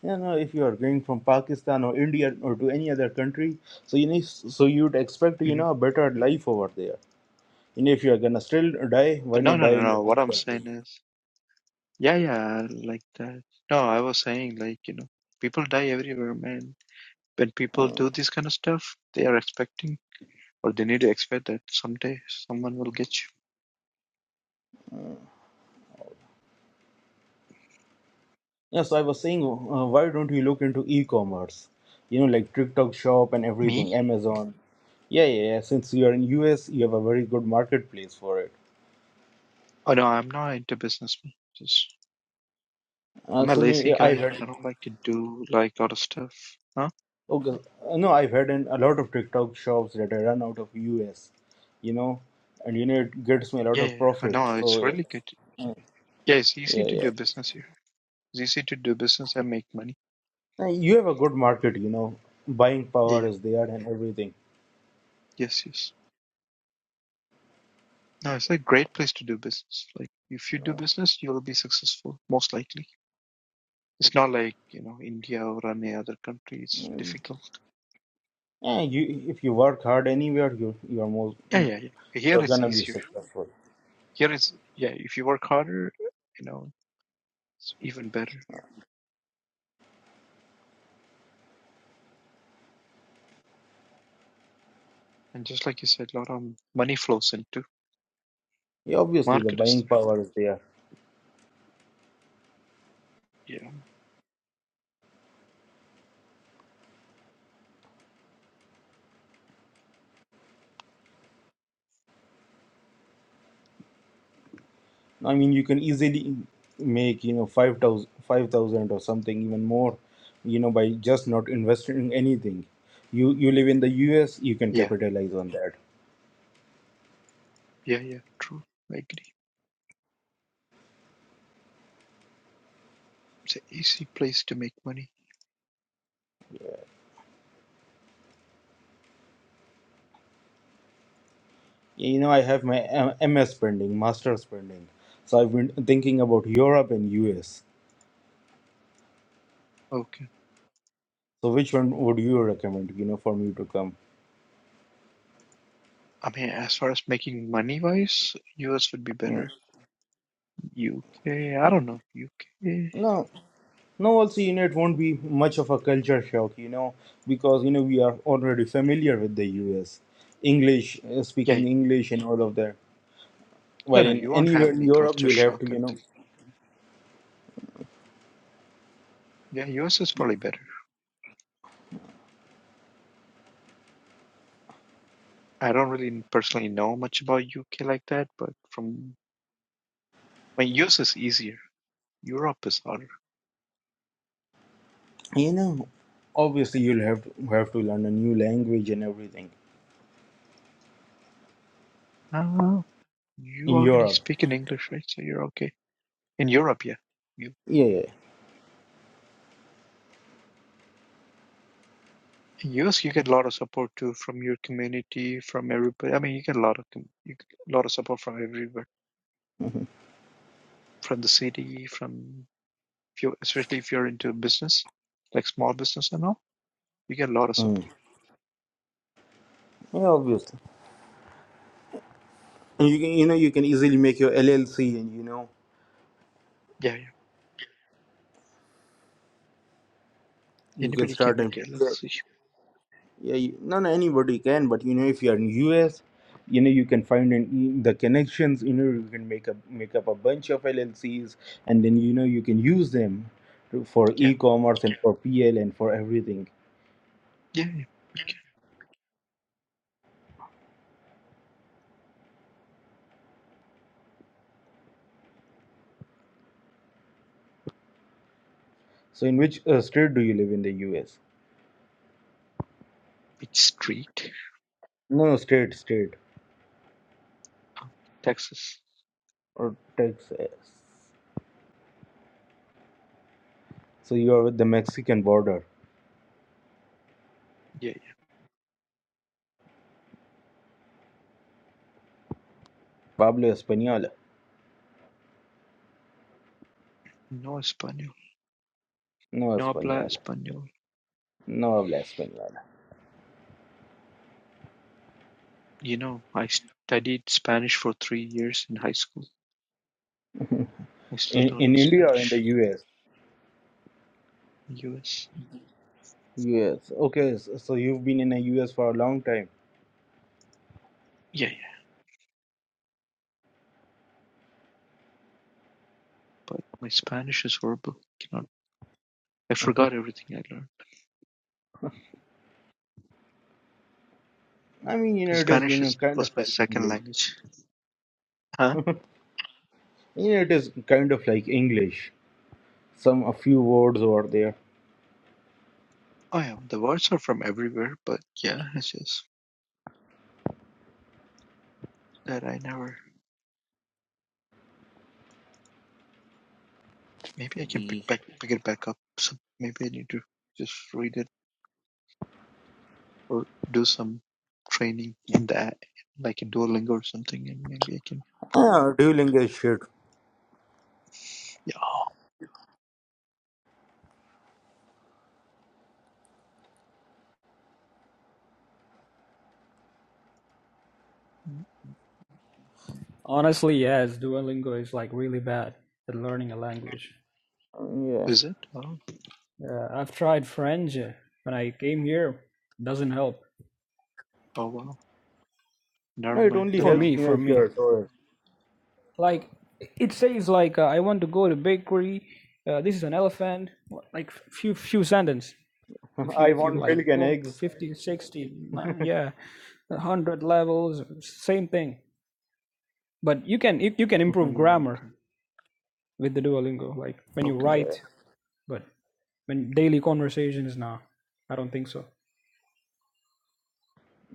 A: you know, if you are going from Pakistan or India or to any other country, so you need, so you'd expect, you
E: hmm
A: know, a better life over there. And if you are gonna still die, why
E: no,
A: not
E: no,
A: die
E: no,
A: in your
E: no. What
A: home
E: I'm
A: country?
E: saying is, yeah, yeah, like that. No, I was saying, like, you know, people die everywhere, man. When people do this kind of stuff, they are expecting, or they need to expect that someday someone will get you.
A: Yeah, so I was saying, uh, why don't we look into e-commerce? You know, like TikTok Shop and
E: Me?
A: everything, Amazon. Yeah, yeah, yeah. Since you are in US, you have a very good marketplace for it.
E: Oh, no, I'm not into business. man. Just,
A: Uh,
E: I'm a
A: so
E: lazy
A: ne- I've
E: guy.
A: had
E: I don't like to do, like, a lot of stuff. Huh?
A: okay, uh, no, I've had an, a lot of TikTok shops that I run out of US. You know, and you know it gets me a lot
E: Yeah,
A: of
E: yeah, yeah.
A: profit.
E: No, it's
A: So yeah,
E: really good. Yeah, it's easy to
A: yeah.
E: do
A: yeah.
E: business here. It's easy to do business and make money.
A: Uh, You have a good market, you know, buying
E: Yeah,
A: power
E: yeah.
A: is there and everything.
E: Yes, yes. No, it's a great place to do business. Like, if you do business, you'll be successful, most likely. It's not like, you know, India or any other country. It's
A: Mm.
E: difficult.
A: Yeah, you if you work hard anywhere, you you are more
E: Yeah, yeah,
A: you're
E: yeah. Here it's
A: gonna be
E: easier.
A: successful.
E: Here it's, yeah, if you work harder, you know, it's even better. And just like you said, a lot of money flows into
A: Yeah, obviously the
E: market is
A: buying power is there.
E: there. Yeah,
A: I mean, you can easily make you know five thousand, five thousand or something even more, you know, by just not investing in anything. You you live in the U.S., you can
E: yeah,
A: capitalize on that.
E: yeah, yeah. True. I agree. It's an easy place to make money.
A: You know, I have my uh, M- MS pending, master's pending, so I've been thinking about Europe and U.S.
E: Okay.
A: So which one would you recommend? You know, for me to come?
E: I mean, as far as making money wise, US would be
A: Mm.
E: better. UK, I don't know. UK.
A: No, Now also, you know, it won't be much of a culture shock, you know, because you know we are already familiar with the U.S. English uh,
E: Yeah,
A: speaking English and all of that.
E: No,
A: While
E: no,
A: in
E: you won't
A: anywhere
E: have
A: in
E: any
A: Europe,
E: culture
A: you'll have to,
E: shock or
A: you
E: anything.
A: know,
E: Yeah, US is probably better. I don't really personally know much about UK like that, but from I mean, US is easier. Europe is harder.
A: you know, obviously you'll have to have to learn a new language and everything
E: No, you
A: in
E: already
A: Europe.
E: speak in English, right? So you're okay. In Europe, yeah, you
A: Yeah,
E: you-
A: yeah,
E: in US you get a lot of support too from your community, from everybody. I mean, you get a lot of com- you get a lot of support from everywhere, from the city, from if you especially if you're into business, like small business and all, you get a lot of
A: yeah. Mm.
E: support.
A: yeah obviously. And you can, you know, you can easily make your LLC, and you know,
E: Yeah, yeah.
A: you can
E: Anybody can
A: start
E: make
A: and.
E: LLC.
A: yeah you, no no anybody can but you know if you are in us you know you can find an, the connections you know you can make up make up a bunch of llcs and then you know you can use them to, for
E: Yeah,
A: e-commerce and for pl and for everything
E: yeah, yeah.
A: so in which uh, state do you live in the us
E: It's street,
A: no no state state
E: uh, Texas.
A: or texas so you are with the mexican border
E: Yeah, yeah.
A: pablo español
E: No Espanol.
A: no
E: No habla
A: español
E: Espanol.
A: no habla español
E: You know, I studied Spanish for three years in high school. I still
A: in,
E: don't know
A: in india or in the
E: Spanish.
A: us
E: U.S.
A: yes okay so so you've been in the us for a long time
E: Yeah, yeah. But my Spanish is horrible. Cannot. I forgot everything I learned.
A: I mean, you know, it is you
E: Spanish
A: know
E: is,
A: kind
E: was
A: of
E: my
A: like
E: second
A: English.
E: language. Huh?
A: You know, it is kind of like English. Some a few words over there.
E: Oh yeah. The words are from everywhere, but yeah, it's just that I never. Maybe I can
A: We
E: pick back, pick it back up. So maybe I need to just read it or do some training in that, like in Duolingo or something, and maybe I can.
A: ah, dual English shit.
E: Yeah, Mm,
D: Honestly, yes, Duolingo is like really bad at learning a language.
A: Yeah.
E: is it? Oh,
D: Uh, I've tried French uh, when I came here. Doesn't help.
E: oh wow. Never
A: No, it
E: mind
A: only
E: the
D: For
A: helps
D: me,
A: you
E: novel.
A: know
D: for
A: if you're
D: me.
A: a tourist.
D: like it says like uh, i want to go to bakery uh, this is an elephant like few few sentence if you
A: I
D: if you
A: want milk
D: like
A: and
D: go
A: eggs.
D: 50 sixty, ni- yeah 100 levels same thing but you can you, you can improve
E: Mm,
D: grammar
E: okay,
D: with the duolingo like when you
E: okay.
D: write but when daily conversations now i don't think so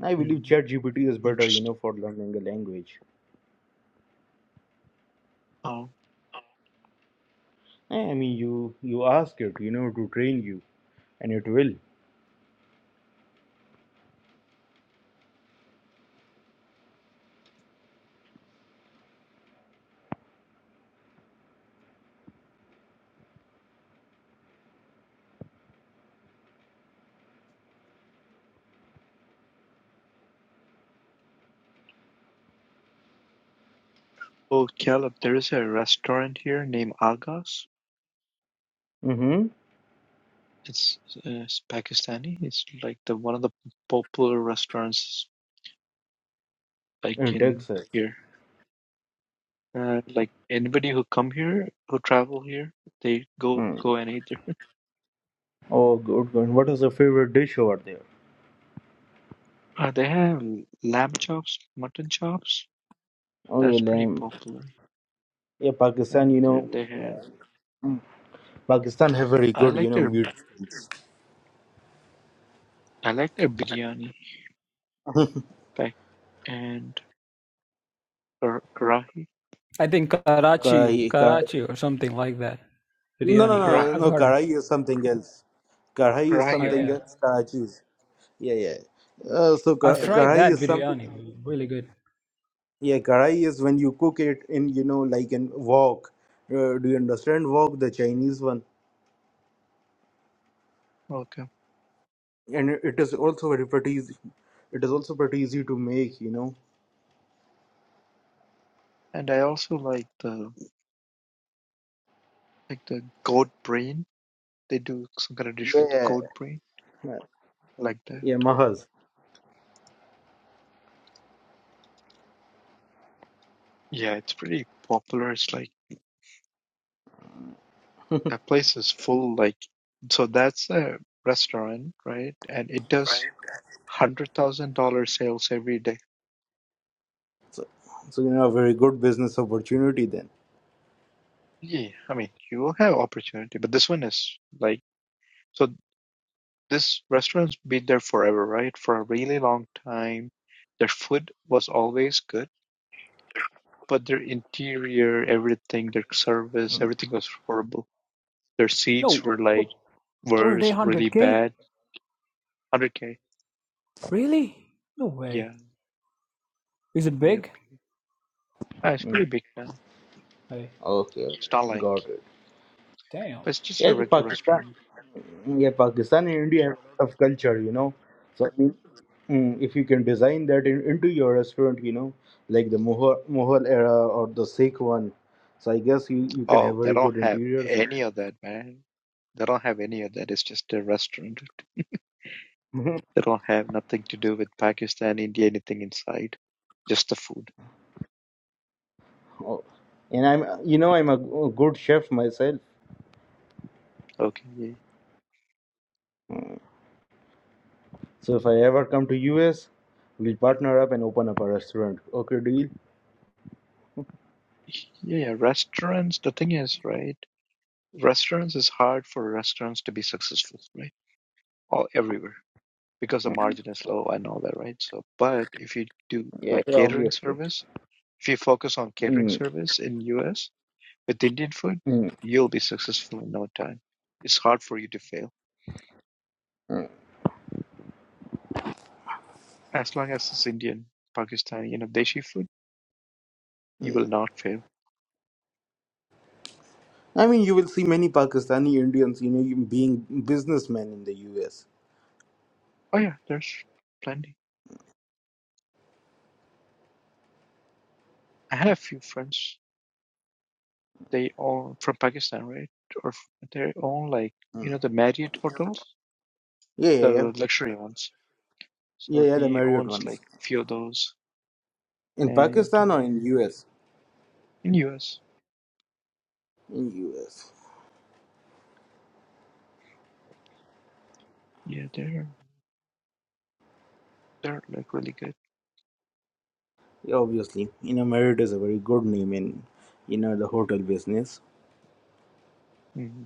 A: I believe
E: Mm,
A: ChatGPT is better, you
E: interesting.
A: know, for learning a language.
E: Oh,
A: Eh, I mean, you you ask it, you know, to train you, and it will.
E: oh, Caleb, there is a restaurant here named Agas.
A: Mm-hmm.
E: It's, uh, it's Pakistani. It's like the one of the popular restaurants like
A: In
E: in
A: Texas.
E: here. Uh, like anybody who come here, who travel here, they go
A: Mm.
E: go and eat there.
A: Oh, good, good. What is your favorite dish over there?
E: Uh, they have lamb chops, mutton chops.
A: Oh yeah,
E: That's pretty
A: lamb.
E: popular.
A: Yeah, Pakistan. You
E: And then
A: know.
E: they have.
A: Pakistan have very
E: I
A: good, you
E: like
A: know,
E: their.
A: mute.
E: I like their biryani pack and or karahi,
D: i think karachi
A: Karahi, Karahi.
D: karachi or something like that
A: No, no,
D: biryani I-
A: no,
D: i've
E: karahi,
A: no.
D: heard
A: Karahi is something else. Karahi is
D: i
E: karahi, right?
A: something
D: yeah
A: else. Karachi is. Yeah, yeah. Uh, so Kar-
D: i've
E: Yeah, I like.
D: tried
A: Karahi
D: that
A: is something.
D: biryani really good
A: Yeah, Karahi is when you cook it in, you know, like in wok. Uh, do you understand wok, the Chinese one?
E: Welcome.
A: And it it is also very pretty easy. It is also pretty easy to make, you know.
E: And I also like the like the goat brain. They do some kind of dish with
A: Yeah,
E: goat brain like that.
A: yeah, Mahaz.
E: Yeah, it's pretty popular. It's like that place is full. Like so, that's a restaurant, right? And it does hundred thousand dollar sales every day.
A: So, so you know, a very good business opportunity then.
E: Yeah, I mean, you have opportunity, but this one is like so this restaurant's been there forever, right? For a really long time. Their food was always good, but their interior, everything, their service, everything was horrible. Their
D: No,
E: seats were
D: per
E: like
D: per day
E: worse, really
D: 100k.
E: bad. 100K.
D: Really? No
E: Yeah,
D: way. Is it
E: yep.
D: big?
E: Ah, it's
A: Mm.
E: pretty big now.
D: Hey,
A: Okay,
E: It's not like,
A: got it.
D: damn.
E: but it's just
A: Yeah,
E: a
A: कि
E: regular
A: Pakistan,
E: restaurant.
A: yeah, Pakistan and India have a lot of culture, you know. So I mean, mm, if you can design that in, into your restaurant, you know, like the Mughal, Mughal era or the Sikh one, so I guess you, you can have
E: Oh, they
A: very
E: don't
A: good
E: have
A: interiors.
E: any of that, man. They don't have any of that. It's just a restaurant.
A: Mhm.
E: They don't have nothing to do with Pakistan, India, anything inside. Just the food.
A: Oh, and I'm, you know, I'm a g- good chef myself.
E: Okay. Yeah,
A: So if I ever come to US, we'll partner up and open up a restaurant. Okay, deal?
E: yeah. yeah. Restaurants, the thing is, right? Restaurants is hard for restaurants to be successful, right? All everywhere because the margin is low and all that, right? So, but if you do
A: Yeah,
E: like
A: yeah
E: catering
A: obviously.
E: service, if you focus on catering
A: Mm,
E: service in US with Indian food,
A: mm,
E: you'll be successful in no time. It's hard for you to fail
A: mm.
E: as long as it's Indian, Pakistani, you know, Deshi food. You will not fail
A: I mean, you will see many Pakistani Indians, you know, being businessmen in the US.
E: Oh yeah, there's plenty. I had a few friends. They all from Pakistan, right? Or f- they own like you know
A: Mm.
E: the Marriott hotels,
A: Yeah, yeah,
E: the
A: yeah,
E: luxury ones.
A: yeah,
E: So
A: yeah, the
E: he
A: Marriott
E: owns like
A: ones.
E: few of those.
A: In
E: And
A: Pakistan or
E: um
A: in US?
E: in US,
A: In US.
E: yeah, they're they're like really good.
A: Yeah, obviously. You know, Marriott is a very good name in, you know, the hotel business.
E: hmm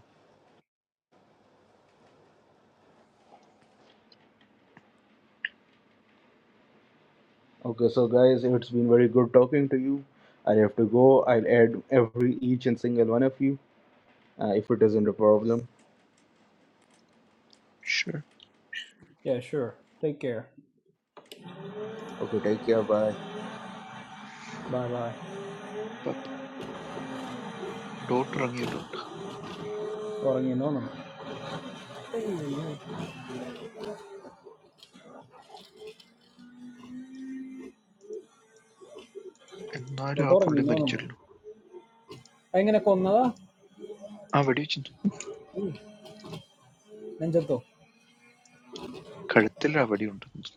A: Okay, so guys, it's been very good talking to you. I have to go. I'll add every each and single one of you uh, if it isn't a problem.
E: Sure.
D: Yeah, sure. Take care.
A: Okay, take care. Bye.
D: Bye bye.
E: പപ്പ ഡോട്ട് ഇറങ്ങിയിട്ടുണ്ട്
D: Tawang inano mo?
E: എന്നാലും
D: No
E: ആ
D: tawang
E: പുള്ളി
D: inano mo.
E: മരിച്ചല്ലോ
D: Ay ngano ko na la?
E: ആ വെടി വെച്ചു
D: Nangito.
E: കഴുത്തിൽ ആ വെടി ഉണ്ടെന്ന്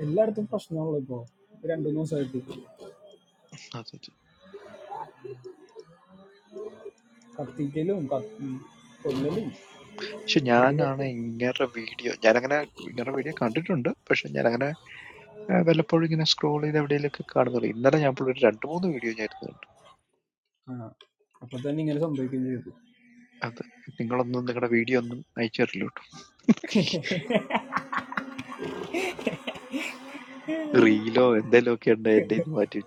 D: I learned from scholarly. I learned from society.
E: അതെ
D: Kapiting nilo um kapit. Pwede ba?
E: പക്ഷെ
D: Hindi pa
E: ഞാനാണ്
D: pum.
E: ഇങ്ങനെ വീഡിയോ ഞാനങ്ങനെ ഇങ്ങനെ വീഡിയോ കണ്ടിട്ടുണ്ട് പക്ഷെ ഞാനങ്ങനെ I will probably gonna scroll in that video like a card or something. Now I am uploading two more videos.
D: Haha. Kapag dyan niya lason, baka niyuto.
E: I think our daughter video is natural look. Real and hello, dear, dear, dear, dear.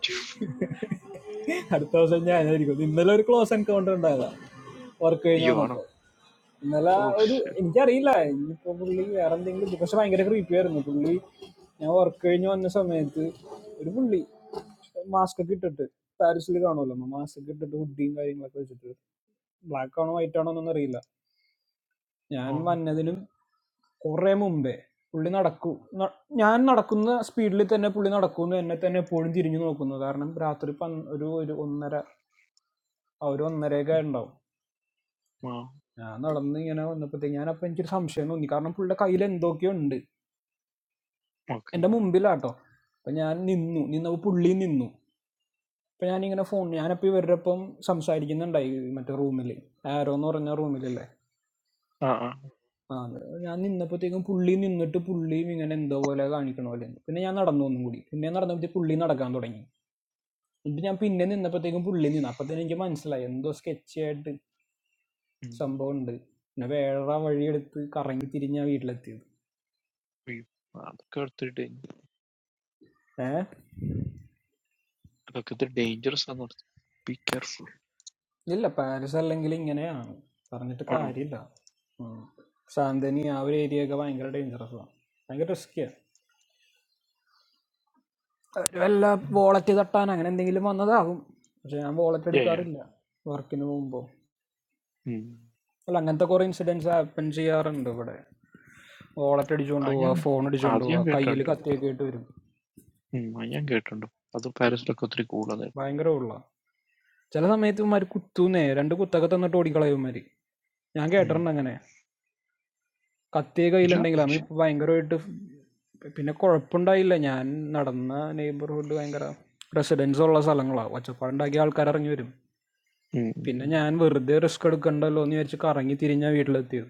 D: അടുത്ത വർഷം ഞാനായിരിക്കും ഇന്നലെ ഒരു close encounter ഉണ്ടായതാ work കഴിഞ്ഞ്
E: Yono?
D: വന്നപ്പോ ഇന്നലെ
E: Oh
D: ഒരു
E: shit.
D: എനിക്കറിയില്ല ഇനിയിപ്പോ പുള്ളി വേറെ എന്തെങ്കിലും പക്ഷെ ഭയങ്കര creepy ആയിരുന്നു പുള്ളി ഞാൻ വർക്ക് കഴിഞ്ഞ് വന്ന സമയത്ത് ഒരു പുള്ളി മാസ്ക് ഒക്കെ ഇട്ടിട്ട് പാരീസിൽ കാണുമല്ലോ മാസ്ക് ഒക്കെ ഇട്ടിട്ട് ഹുഡിയും കാര്യങ്ങളൊക്കെ വെച്ചിട്ട് ബ്ലാക്ക് ആണോ വൈറ്റ് ആണോ എന്നൊന്നും അറിയില്ല ഞാൻ
E: Oh
D: വന്നതിനും കുറെ മുമ്പേ പുള്ളി നടക്കൂ ന- ഞാൻ നടക്കുന്ന സ്പീഡിൽ തന്നെ പുള്ളി നടക്കുന്നു എന്നെ തന്നെ എപ്പോഴും തിരിഞ്ഞു നോക്കുന്നു കാരണം രാത്രി പൻ- ഒരു ഒരു ഒന്നര ആ ഒരു ഒന്നരയൊക്കെ ഉണ്ടാവും ഞാൻ നടന്ന് ഇങ്ങനെ വന്നപ്പോഴത്തേക്ക് ഞാനപ്പോൾ എനിക്കൊരു സംശയം തോന്നി കാരണം പുള്ളിയുടെ കയ്യിൽ എന്തൊക്കെയോ ഉണ്ട്
E: okay.
D: എൻ്റെ മുമ്പിലാട്ടോ അപ്പം ഞാൻ നിന്നു നിന്നപ്പോൾ പുള്ളി നിന്നു അപ്പം ഞാനിങ്ങനെ ഫോൺ ഞാനപ്പോൾ ഇവരുടെ ഒപ്പം സംസാരിക്കുന്നുണ്ടായി ഈ മറ്റേ റൂമിൽ ആരോ എന്ന് പറഞ്ഞ റൂമിലല്ലേ
E: Ah ah.
D: ആ അത് ഞാൻ നിന്നപ്പോഴത്തേക്കും പുള്ളി നിന്നിട്ട് പുള്ളിയും ഇങ്ങനെ എന്തോ പോലെ കാണിക്കണ പോലെ പിന്നെ ഞാൻ നടന്നു ഒന്നും കൂടി പിന്നെ നടന്നപ്പോഴത്തേക്ക് പുള്ളി നടക്കാൻ തുടങ്ങി എന്നിട്ട് ഞാൻ പിന്നെ നിന്നപ്പോഴത്തേക്കും പുള്ളി നിന്നു അപ്പോഴത്തേനും എനിക്ക് മനസ്സിലായി എന്തോ സ്കെച്ച് ആയിട്ട് സംഭവം ഉണ്ട് പിന്നെ വേറെ വഴിയെടുത്ത് കറങ്ങി തിരിഞ്ഞാ വീട്ടിലെത്തിയത്
E: Okay. That
D: ഏ
E: is dangerous. Be careful.
D: ഇല്ല പാരീസ് അല്ലെങ്കിൽ ഇങ്ങനെയാണ് പറഞ്ഞിട്ട്
E: Oh no.
D: കാര്യമില്ല ഉം. സാന്തനി ആ ഒരു ഏരിയ ഒക്കെ ഭയങ്കര ഡേഞ്ചറസ് ആണ് ഭയങ്കര റിസ്ക്കിയാണ് വല്ല വോളറ്റ് തട്ടാൻ അങ്ങനെ എന്തെങ്കിലും വന്നതാകും പക്ഷെ ഞാൻ വോളറ്റ്
E: Yeah yeah.
D: എടുക്കാറില്ല വർക്കിന് പോകുമ്പോൾ
E: Hmm.
D: അല്ല അങ്ങനത്തെ കുറേ ഇൻസിഡൻസ് ഹാപ്പൻ ചെയ്യാറുണ്ട് ഇവിടെ വോളറ്റ് അടിച്ചുകൊണ്ട് പോവുക
E: Anyon?
D: ഫോൺ അടിച്ചുകൊണ്ട് പോവുക
E: Anyon get
D: കയ്യിൽ
E: under?
D: കത്തിയൊക്കെ ആയിട്ട് വരും
E: Hmm. Anyon get under? That
D: ഉം.
E: Paris will get under.
D: ഭയങ്കര ഉള്ള ചില സമയത്ത് ഇവന്മാർ കുത്തൂന്നേ രണ്ട് കുത്തൊക്കെ തന്നിട്ട് ഓടിക്കളയുമാർ ഞാൻ
E: Hmm.
D: കേട്ടിട്ടുണ്ട് അങ്ങനെ കത്തി
E: Is it? Yes.
D: കയ്യിലുണ്ടെങ്കിൽ അമ്മ ഇപ്പം ഭയങ്കരമായിട്ട് പിന്നെ കുഴപ്പമുണ്ടായില്ല ഞാൻ നടന്ന നെയ്ബർഹുഡ് ഭയങ്കര റെസിഡൻസ് ഉള്ള സ്ഥലങ്ങളാണ് ഒച്ചപ്പാടുണ്ടാക്കിയ ആൾക്കാർ ഇറങ്ങി വരും
E: Hmm.
D: പിന്നെ ഞാൻ വെറുതെ റിസ്ക് എടുക്കണ്ടല്ലോ എന്ന് വിചാരിച്ച് കറങ്ങി തിരിഞ്ഞാ വീട്ടിലെത്തിയത്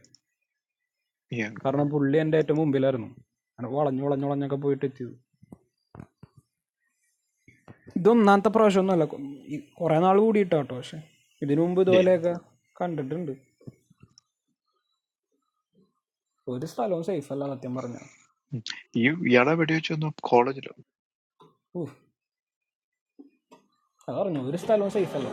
E: Yeah. Hmm.
D: കാരണം പുള്ളി എൻ്റെ ഏറ്റവും മുമ്പിലായിരുന്നു അങ്ങനെ വളഞ്ഞു വളഞ്ഞു വളഞ്ഞൊക്കെ പോയിട്ട് എത്തിയത് ഇത് പ്രാവശ്യമൊന്നുമല്ല കുറേ നാൾ കൂടിയിട്ടാ പക്ഷെ ഇതിനു മുമ്പ്
E: Hmm.
D: ഇതുപോലെയൊക്കെ കണ്ടിട്ടുണ്ട് ഒരു സ്ഥലവും സേഫ് അല്ല സത്യം പറഞ്ഞാൽ
E: ഉം. ഈ ഇയാളെ വെടിവെച്ചൊന്നും കോളേജിലും
D: ഊഹ് അത് പറഞ്ഞു ഒരു സ്ഥലവും സേഫ് അല്ല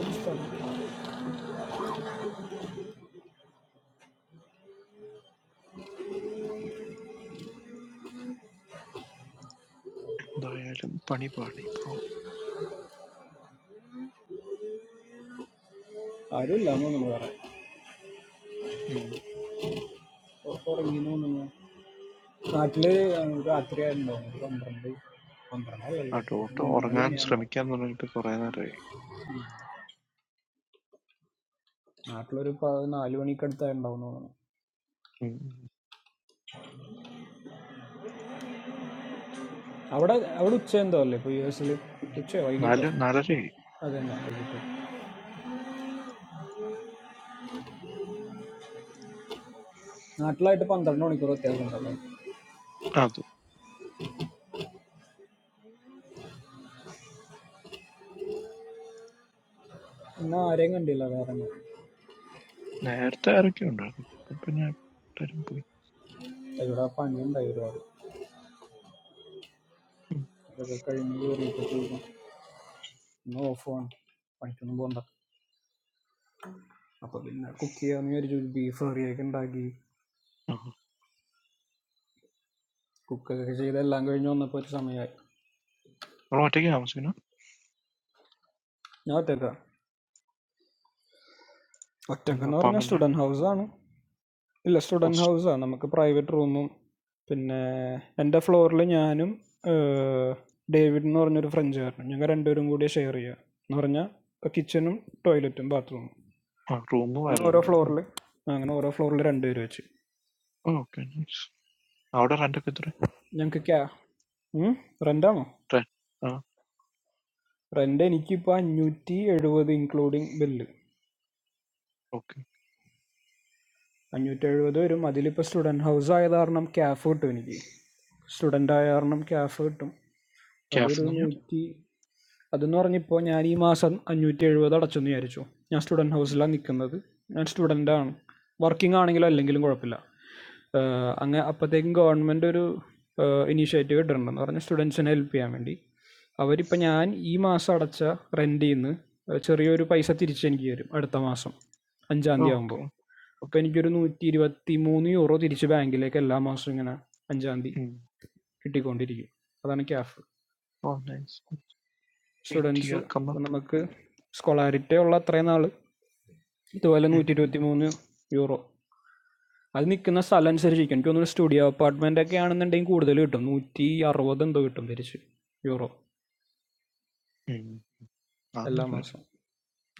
D: ഒരു സ്ഥലം
E: എന്തായാലും പണി പാളി പാവം.
D: ആരുമില്ല എന്നൊന്നും പറയാം
E: ഉം.
D: Or something like that. Atle, the atmosphere is good. Comfortable. Comfortable. I like
E: ആ
D: it.
E: ഡോട്ട് ഉറങ്ങാൻ ശ്രമിക്കാൻ തുടങ്ങിയിട്ട് കുറെ നേരമായി
D: I like it. Atle, if I like it, I will come.
E: ഉം. നാല് നാലരയായി
D: That's why. Atle, I don't know what you are
E: ആ, അത് നേരത്തെ ആരൊക്കെ ഉണ്ടായിരുന്നു ഇപ്പൊ പിന്നെ എല്ലാരും പോയി
D: talking about.
E: ഉം. ആ നമ്മൾ ഒറ്റയ്ക്ക് താമസിക്കണം
D: I don't know.
E: ഉം.
D: ഒറ്റക്കെന്ന് പറഞ്ഞാൽ
E: അപ്പാമ്മന്റെ
D: സ്റ്റുഡൻറ് ഹൗസാണ് ഇല്ല സ്റ്റുഡൻറ്
E: ഹോസ്-
D: ഹൗസാണ് നമുക്ക് പ്രൈവറ്റ് റൂമും പിന്നെ എൻ്റെ ഫ്ലോറിൽ ഞാനും ഡേവിഡ് എന്ന് പറഞ്ഞൊരു ഫ്രഞ്ചുകാരനും ഞങ്ങൾ രണ്ടുപേരും കൂടി ഷെയർ ചെയ്യുക എന്ന് പറഞ്ഞാൽ കിച്ചണും ടോയ്ലറ്റും ബാത്റൂമും
E: ആ റൂം
D: അങ്ങനെ
E: വേറെ
D: ഓരോ
E: ഉണ്ട്
D: ഫ്ലോറിൽ അങ്ങനെ ഓരോ ഫ്ലോറിൽ രണ്ടുപേര് വെച്ച്
E: ഓക്കെ നൈസ് അവിടെ rent ഒക്കെ എത്ര
D: ഞങ്ങൾക്ക് ക്യാ റെൻ്റാണോ
E: റെന്റ് ആ
D: റെൻ്റ് എനിക്കിപ്പോൾ അഞ്ഞൂറ്റി എഴുപത് ഇൻക്ലൂഡിങ് ബില്ല്
E: ഓക്കെ
D: അഞ്ഞൂറ്റെഴുപത് വരും അതിലിപ്പോൾ സ്റ്റുഡൻറ്റ് ഹൗസ് ആയത് കാരണം ക്യാഫ് കിട്ടും എനിക്ക് സ്റ്റുഡൻ്റ് ആയ കാരണം ക്യാഫ് കിട്ടും അതൊരു
E: ക്യാഫ് ഞാൻ
D: നൂറ്റി അതെന്ന് പറഞ്ഞിപ്പോൾ ഞാൻ ഈ മാസം അഞ്ഞൂറ്റി എഴുപത് അടച്ചെന്ന് വിചാരിച്ചു ഞാൻ സ്റ്റുഡൻറ്റ് ഹൗസിലാണ് നിൽക്കുന്നത് ഞാൻ സ്റ്റുഡൻ്റാണ് വർക്കിംഗ് ആണെങ്കിലും അല്ലെങ്കിലും കുഴപ്പമില്ല അങ്ങനെ അപ്പോഴത്തേക്കും ഗവൺമെൻറ് ഒരു ഇനീഷ്യേറ്റീവ് ഇട്ടിട്ടുണ്ടെന്ന് പറഞ്ഞാൽ സ്റ്റുഡൻസിനെ ഹെൽപ്പ് ചെയ്യാൻ വേണ്ടി അവരിപ്പോൾ ഞാൻ ഈ മാസം അടച്ച റെൻറ്റിൽ നിന്ന് ചെറിയൊരു പൈസ തിരിച്ചെനിക്ക് തരും അടുത്ത മാസം അഞ്ചാം തീയതി
E: ഓക്കെ
D: ആകുമ്പോൾ
E: ഓക്കെ
D: അപ്പൊ എനിക്കൊരു നൂറ്റി ഇരുപത്തി മൂന്ന് യൂറോ തിരിച്ച് ബാങ്കിലേക്ക് എല്ലാ മാസവും ഇങ്ങനെ അഞ്ചാം തീയതി കിട്ടിക്കൊണ്ടിരിക്കും അതാണ് ക്യാഫ്
E: oh nice eight
D: students
E: year come up
D: നമുക്ക് സ്കോളാരിറ്റി ഉള്ള അത്രയും നാൾ ഇതുപോലെ നൂറ്റി ഇരുപത്തി മൂന്ന് യൂറോ അത് നിൽക്കുന്ന സ്ഥലം അനുസരിച്ചിരിക്കും എനിക്ക് തോന്നുന്നു സ്റ്റുഡിയോ അപ്പാർട്ട്മെൻ്റ് ഒക്കെ ആണെന്നുണ്ടെങ്കിൽ കൂടുതൽ കിട്ടും നൂറ്റി അറുപത് എന്തോ കിട്ടും തിരിച്ച് യൂറോ എല്ലാ മാസം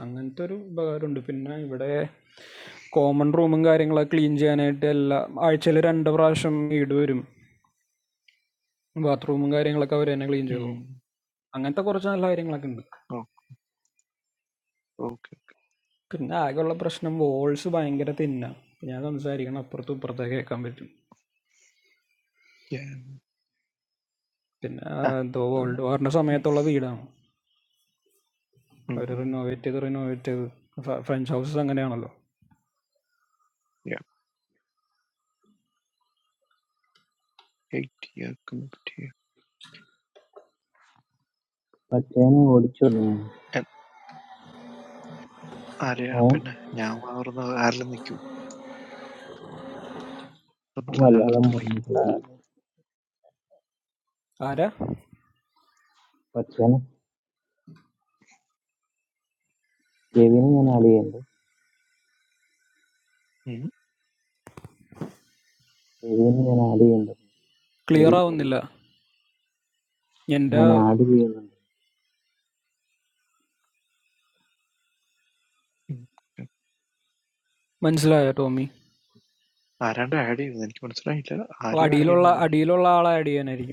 D: അങ്ങനത്തെ ഒരു ഉപകാരമുണ്ട് പിന്നെ ഇവിടെ കോമൺ റൂമും കാര്യങ്ങളൊക്കെ ക്ലീൻ ചെയ്യാനായിട്ട് എല്ലാ ആഴ്ചയിൽ രണ്ട് പ്രാവശ്യം വീട് വരും Bathroom, Mangai ringlakaavirai naaliginjevo.
E: അതൊന്നും
D: Angenta kora channel Mangai ringlakin.
E: Okay.
D: Kinnna agarla prashnam volt subai engira tinna. Yana thamzari kanna prathu prathakhe kamit
E: Yeah. Ah.
D: tinna do
E: Hmm.
D: volt. Or nasamayato lavi idham. Orino aittu orino aittu French house songane analo.
E: Yeah. Eightier come up here.
C: മച്ചാനെ ഓടിച്ചോളൂ
E: And area
C: uh
E: open. Now we are on the island. You. The weather is good
C: Malayalam
E: today.
C: പറഞ്ഞിട്ടില്ല
D: Aare
C: മച്ചാനെ കെവിനെ ഞാൻ add ചെയ്യണ്ട്
E: Hmm.
C: കെവിനെ ഞാൻ add ചെയ്യണ്ട് കെവി
D: cleara undilla. Yen
C: ഞാൻ
D: da
C: add ചെയ്യുന്നുണ്ട്
E: Hmm. Okay.
D: manzla tomi.
E: Another area. Then come on. It's a
D: Adilola adilola ala idea nari.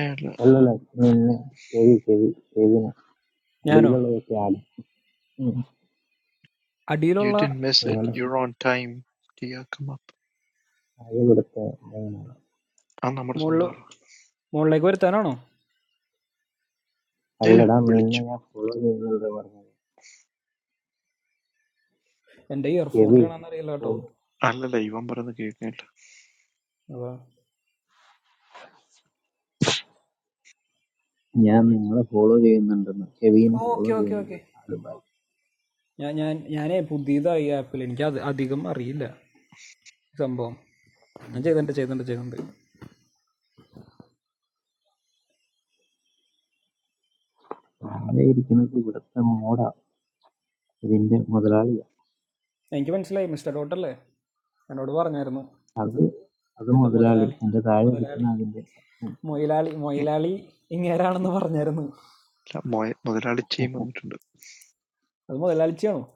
E: area.
C: Hello, sir. Meet me. Kevin, Kevin, Kevin. I did
D: Yanno
C: not get that. Hmm.
E: You
D: adilola
E: didn't miss it.
C: Hello.
E: You're on time. Here come up.
C: I got that. No.
E: All our
D: mod
E: sons are.
D: mod lagweita naano.
C: Hello,
E: Yeah.
C: sir. Meet me.
E: Bridge.
C: I follow you. Sir, sir.
D: Andayar phone de
C: Kevin.
D: na na reela to.
C: Oh.
E: All that I even born that great.
C: I am meeting. I follow you. Sir, sir. Kevin is
D: Okay okay
C: following me. Sir,
D: okay.
C: sir.
D: Yeah, yeah, yeah. I am a Buddhist. I am feeling. Yeah, that digamma is real. Some bomb. I just want to check, want to check, want to check.
C: I have seen that. Sir, sir. I have
D: I just want to see Mr. Daughter. I am not born yet. I am
C: seen that. Sir, sir. Hmm.
D: still
C: I have seen that. Sir, sir. Hmm. I have seen that. Sir, sir. Hmm. I have seen that. Sir, sir. Hmm. I have
D: modelali. Modelali.
C: seen that. Sir,
D: Modelali.
E: Hmm.
D: Modelali. In Kerala, I am born yet. I am
E: My mother had a change.
D: modelali. Chao.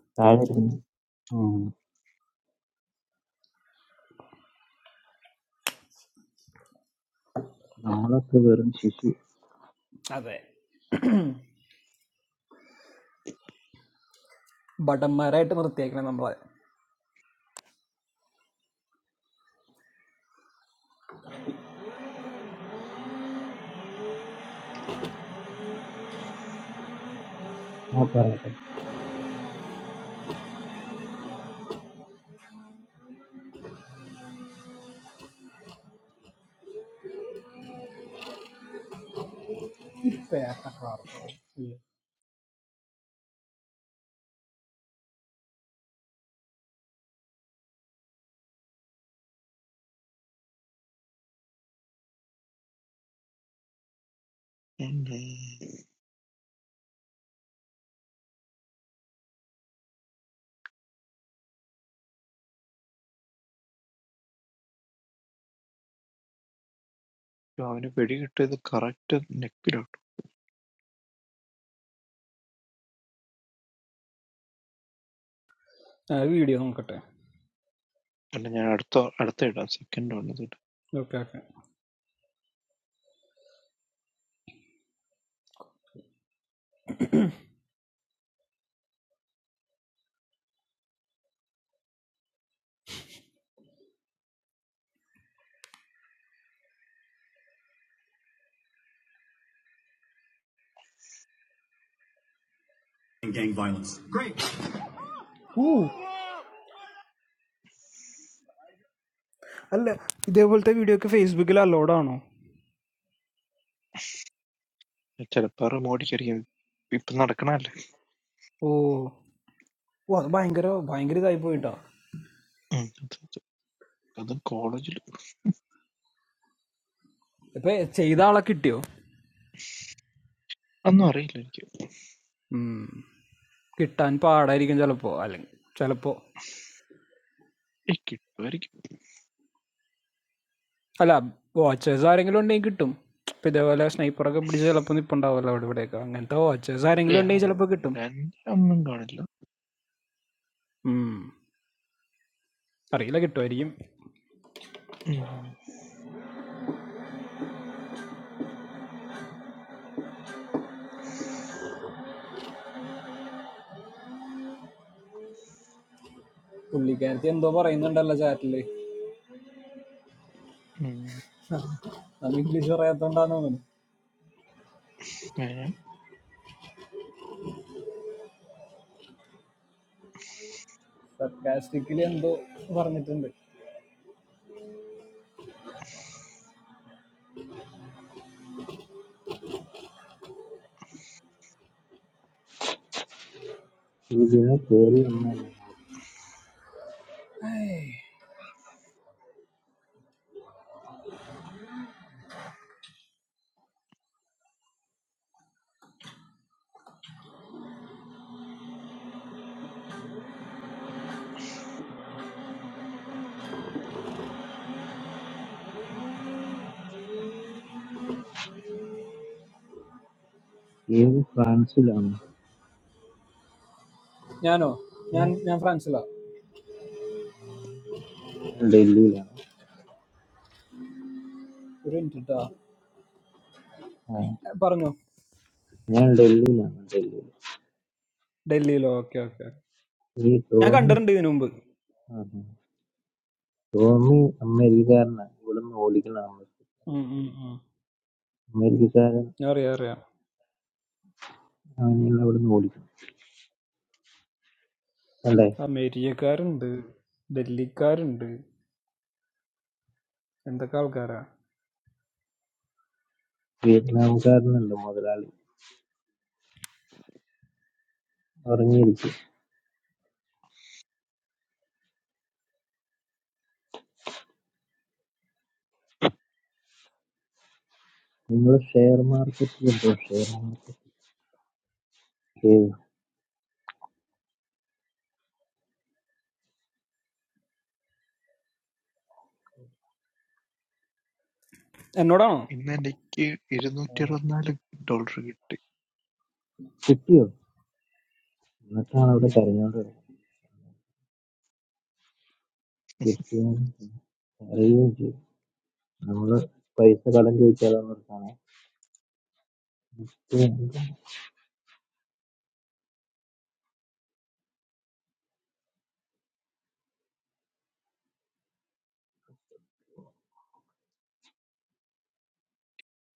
E: Hmm.
D: Okay. But I am right. I am not taking that umbrella. Okay.
E: Hmm. You have any pedigree? The character. Hmm.
D: Video on cut.
E: അല്ല ഞാൻ അടുത്ത അടുത്ത ഇടാം second വേണം
D: Okay. Gang violence. Great. Ooh. All right. Did you tell the video on Facebook? It is not loaded.
E: ചിലപ്പോൾ മോഡിക്കായിരിക്കും ഇപ്പൊ നടക്കണല്ലേ
D: Oh, what buying? Kerala buying? Kerala, I buy it. That
E: ഉം, അത് അത് അത് കോളേജിൽ
D: why? Cheaper? All that kittyo?
E: ഒന്നും അറിയില്ല എനിക്ക്
D: Hmm. Kitta, and pay. Iri ganjalpo, Iling. Ganjalpo.
E: ഏയ് കിട്ടുമായിരിക്കും
D: Ala, what? Zara ringlon nee kitto? Pidavala asnei poraga Brazil apundi ponda vallavadi vadeka. Ngenta what? Zara
E: ഏയ്
D: ringlon nee
E: ആ-
D: jalapo kitto?
E: എന്റെ ഒന്നും കാണില്ല
D: Hmm. Areila kitto ariyem?
E: ഉം.
D: Only Kerala. I am dobara India dalaja atle.
E: ഉം.
D: I am Englisher. I am donda no man.
E: ഏ,
D: But caste kili I am dobara nitende. Hey. Yano? Yano? Yano Frenchala?
C: sir. Hmm.
D: Purin thoda.
C: ആ.
D: പറഞ്ഞു
C: ഞാൻ ഡൽഹിയിലാണ് ഡൽഹിയിൽ
D: ഡൽഹിയിലോ okay okay okay.
C: ഈ
D: ഞാൻ
C: ടോമി
D: കണ്ടിട്ടുണ്ട് ഇതിനു മുമ്പ്
C: ആഹാ. ടോമി അമേരിക്കക്കാരനാണ് ഇവിടുന്ന് ഓടിക്കണം
D: ഉം, ഉം, ഉം.
C: അമേരിക്കക്കാരൻ
D: അറിയാം അറിയാം
C: അവനെയാണ് ഇവിടുന്ന് ഓടിക്കണം അല്ലേ
D: അമേരിക്കക്കാരുണ്ട് ഡൽഹിക്കാരുണ്ട് എന്തൊക്കെ ആൾക്കാരാ
C: വിയറ്റ്നാംകാരനുണ്ട് മുതലാളി ഉറങ്ങിയിരിക്കും നിങ്ങൾ ഷെയർ മാർക്കറ്റിൽ ഉണ്ടോ ഷെയർ മാർക്കറ്റ് ഏത്?
D: എന്നോടാണോ
E: ഇന്ന് എനിക്ക്
C: ആ.
E: ഇരുന്നൂറ്റി അറുപത്തിനാല് ഡോളർ കിട്ടി
C: കിട്ടിയോ എന്നിട്ടാണ് അവിടെ
E: ഉം.
C: കരഞ്ഞോണ്ട് കിടക്കുന്നത്. കിട്ടിയാൽ കരയുകയും ചെയ്യും നമ്മള് പൈസ കടം ചോദിച്ചാലൊന്നും എടുക്കാണേ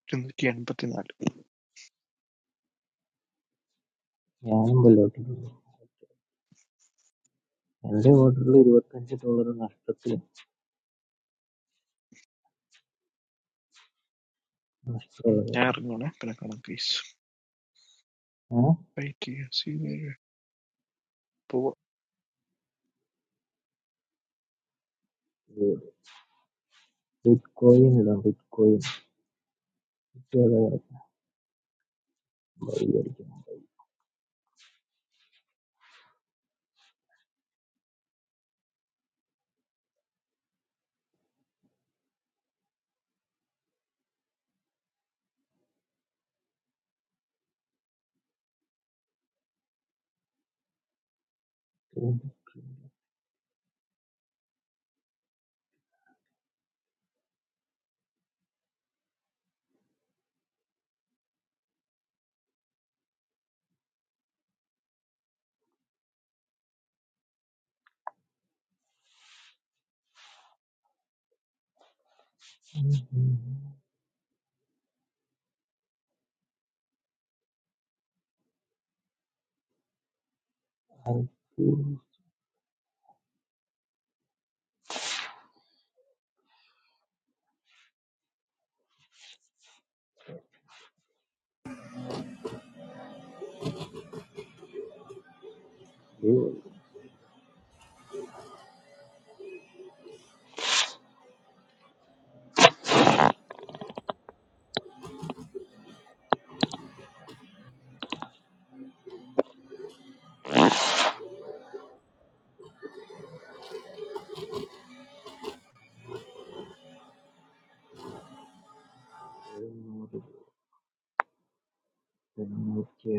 E: ഇരുന്നൂറ്റി എൺപത്തിനാല്
C: ഞാനും വല്ലോട്ടിട്ടുണ്ട് എന്റെ ഓർഡറിൽ ഇരുപത്തഞ്ച് ഡോളർ നഷ്ടത്തിൽ
E: ഉം. ഞാൻ
C: നഷ്ടമുള്ളത്
E: ഇറങ്ങണേ പിന്നെ കാണാം കേസ് പോവാ
C: Bitcoin la Bitcoin, kya laat bhaiya logon. I do deal. No, no, no, no, no. I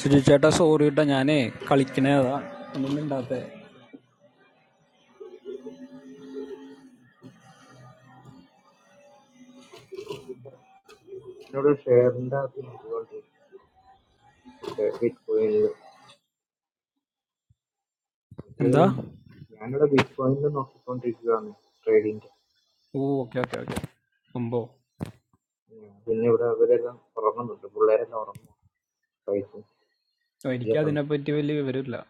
D: ശരി ചേട്ടാ സോറി കേട്ടോ ഞാനേ കളിക്കണേ അതാ ഒന്നും ഉണ്ടാത്തേ
C: know the share hunda, I know the Bitcoin la. I
D: എന്താ
C: know the Bitcoin dono country kya main trading.
D: ഓ ഓക്കെ ഓക്കെ ഓക്കെ സംഭവം
C: Dilne bura, bade bura, poran bura, bolare bura, poran paisa,
D: ഓ,
C: dia
D: എനിക്ക്
C: sans.
D: അതിനെപ്പറ്റി വലിയ വിവരമില്ല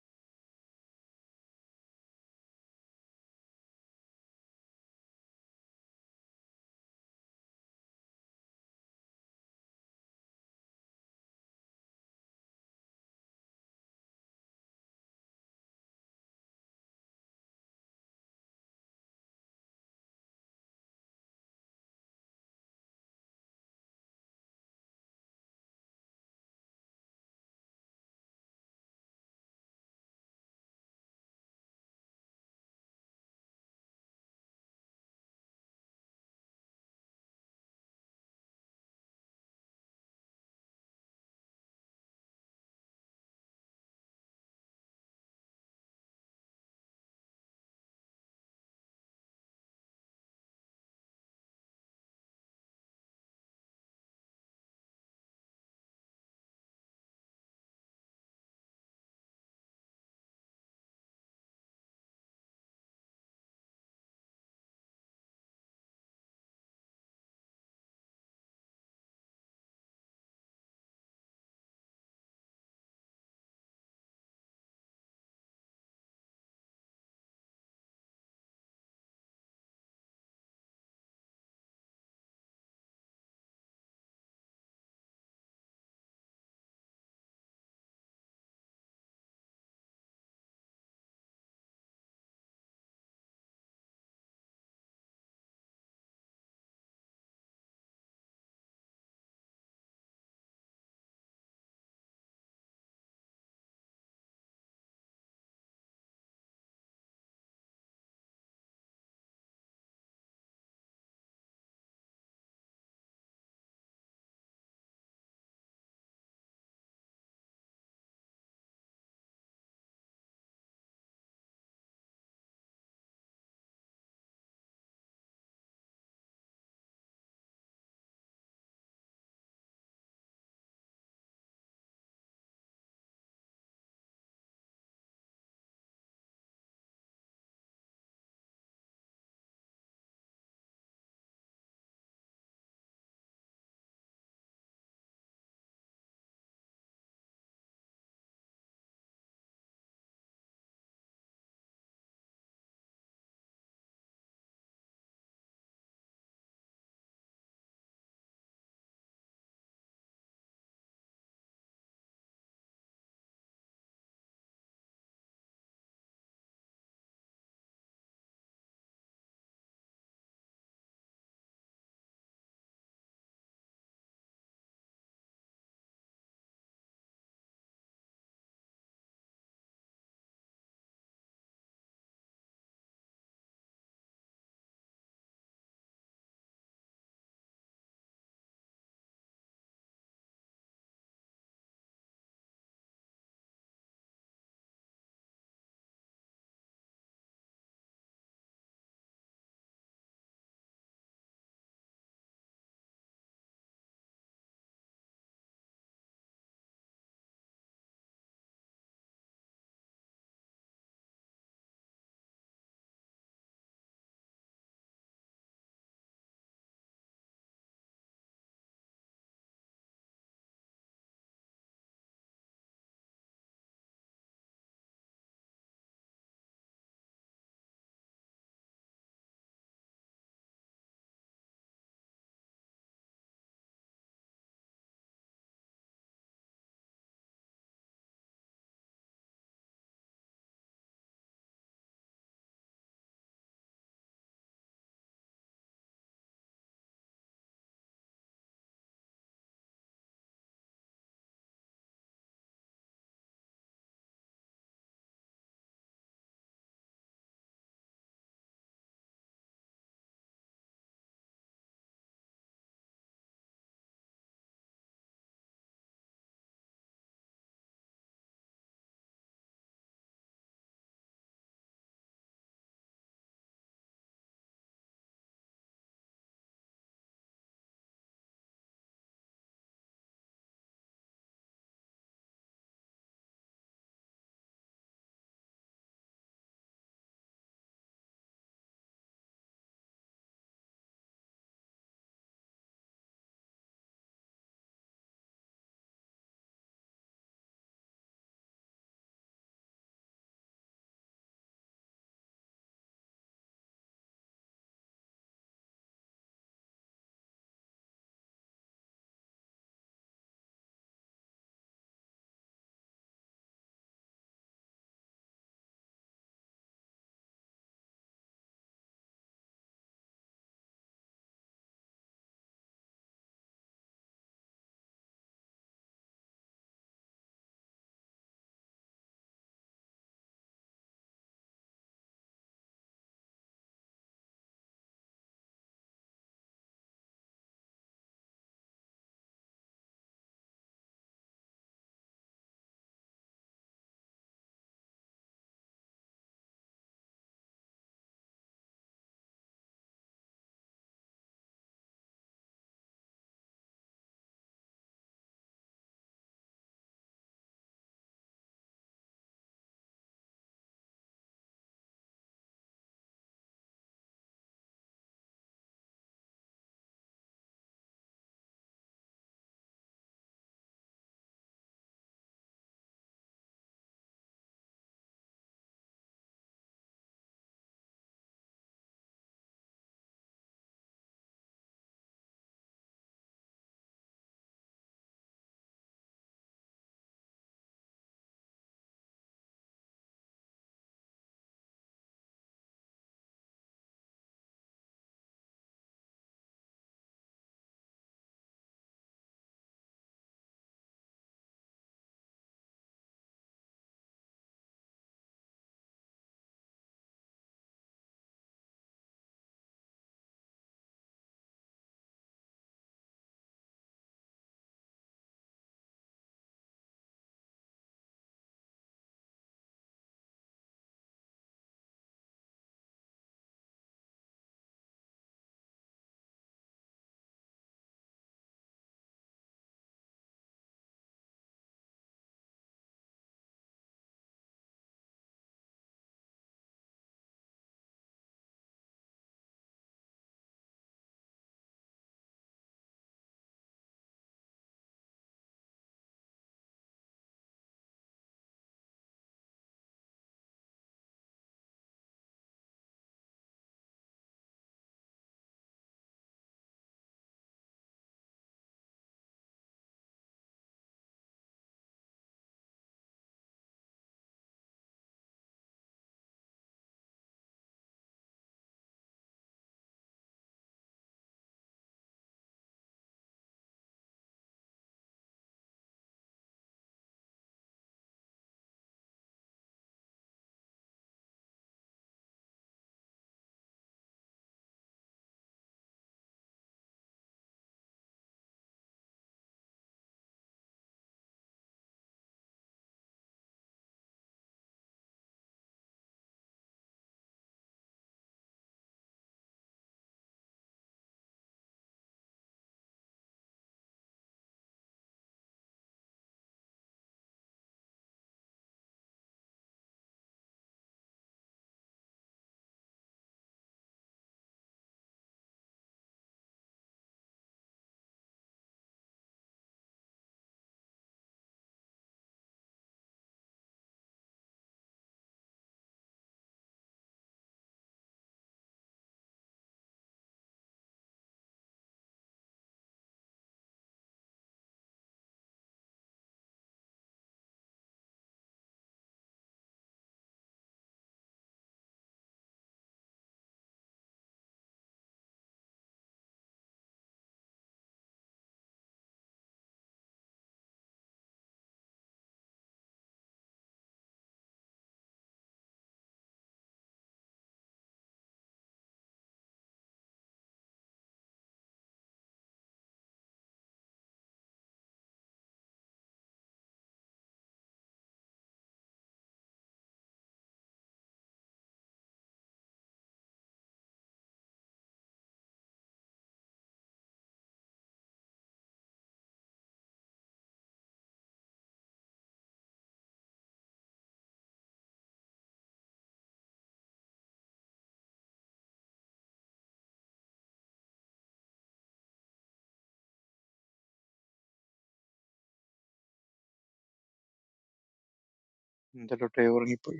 E: എന്തായാലും ഉറങ്ങിപ്പോയി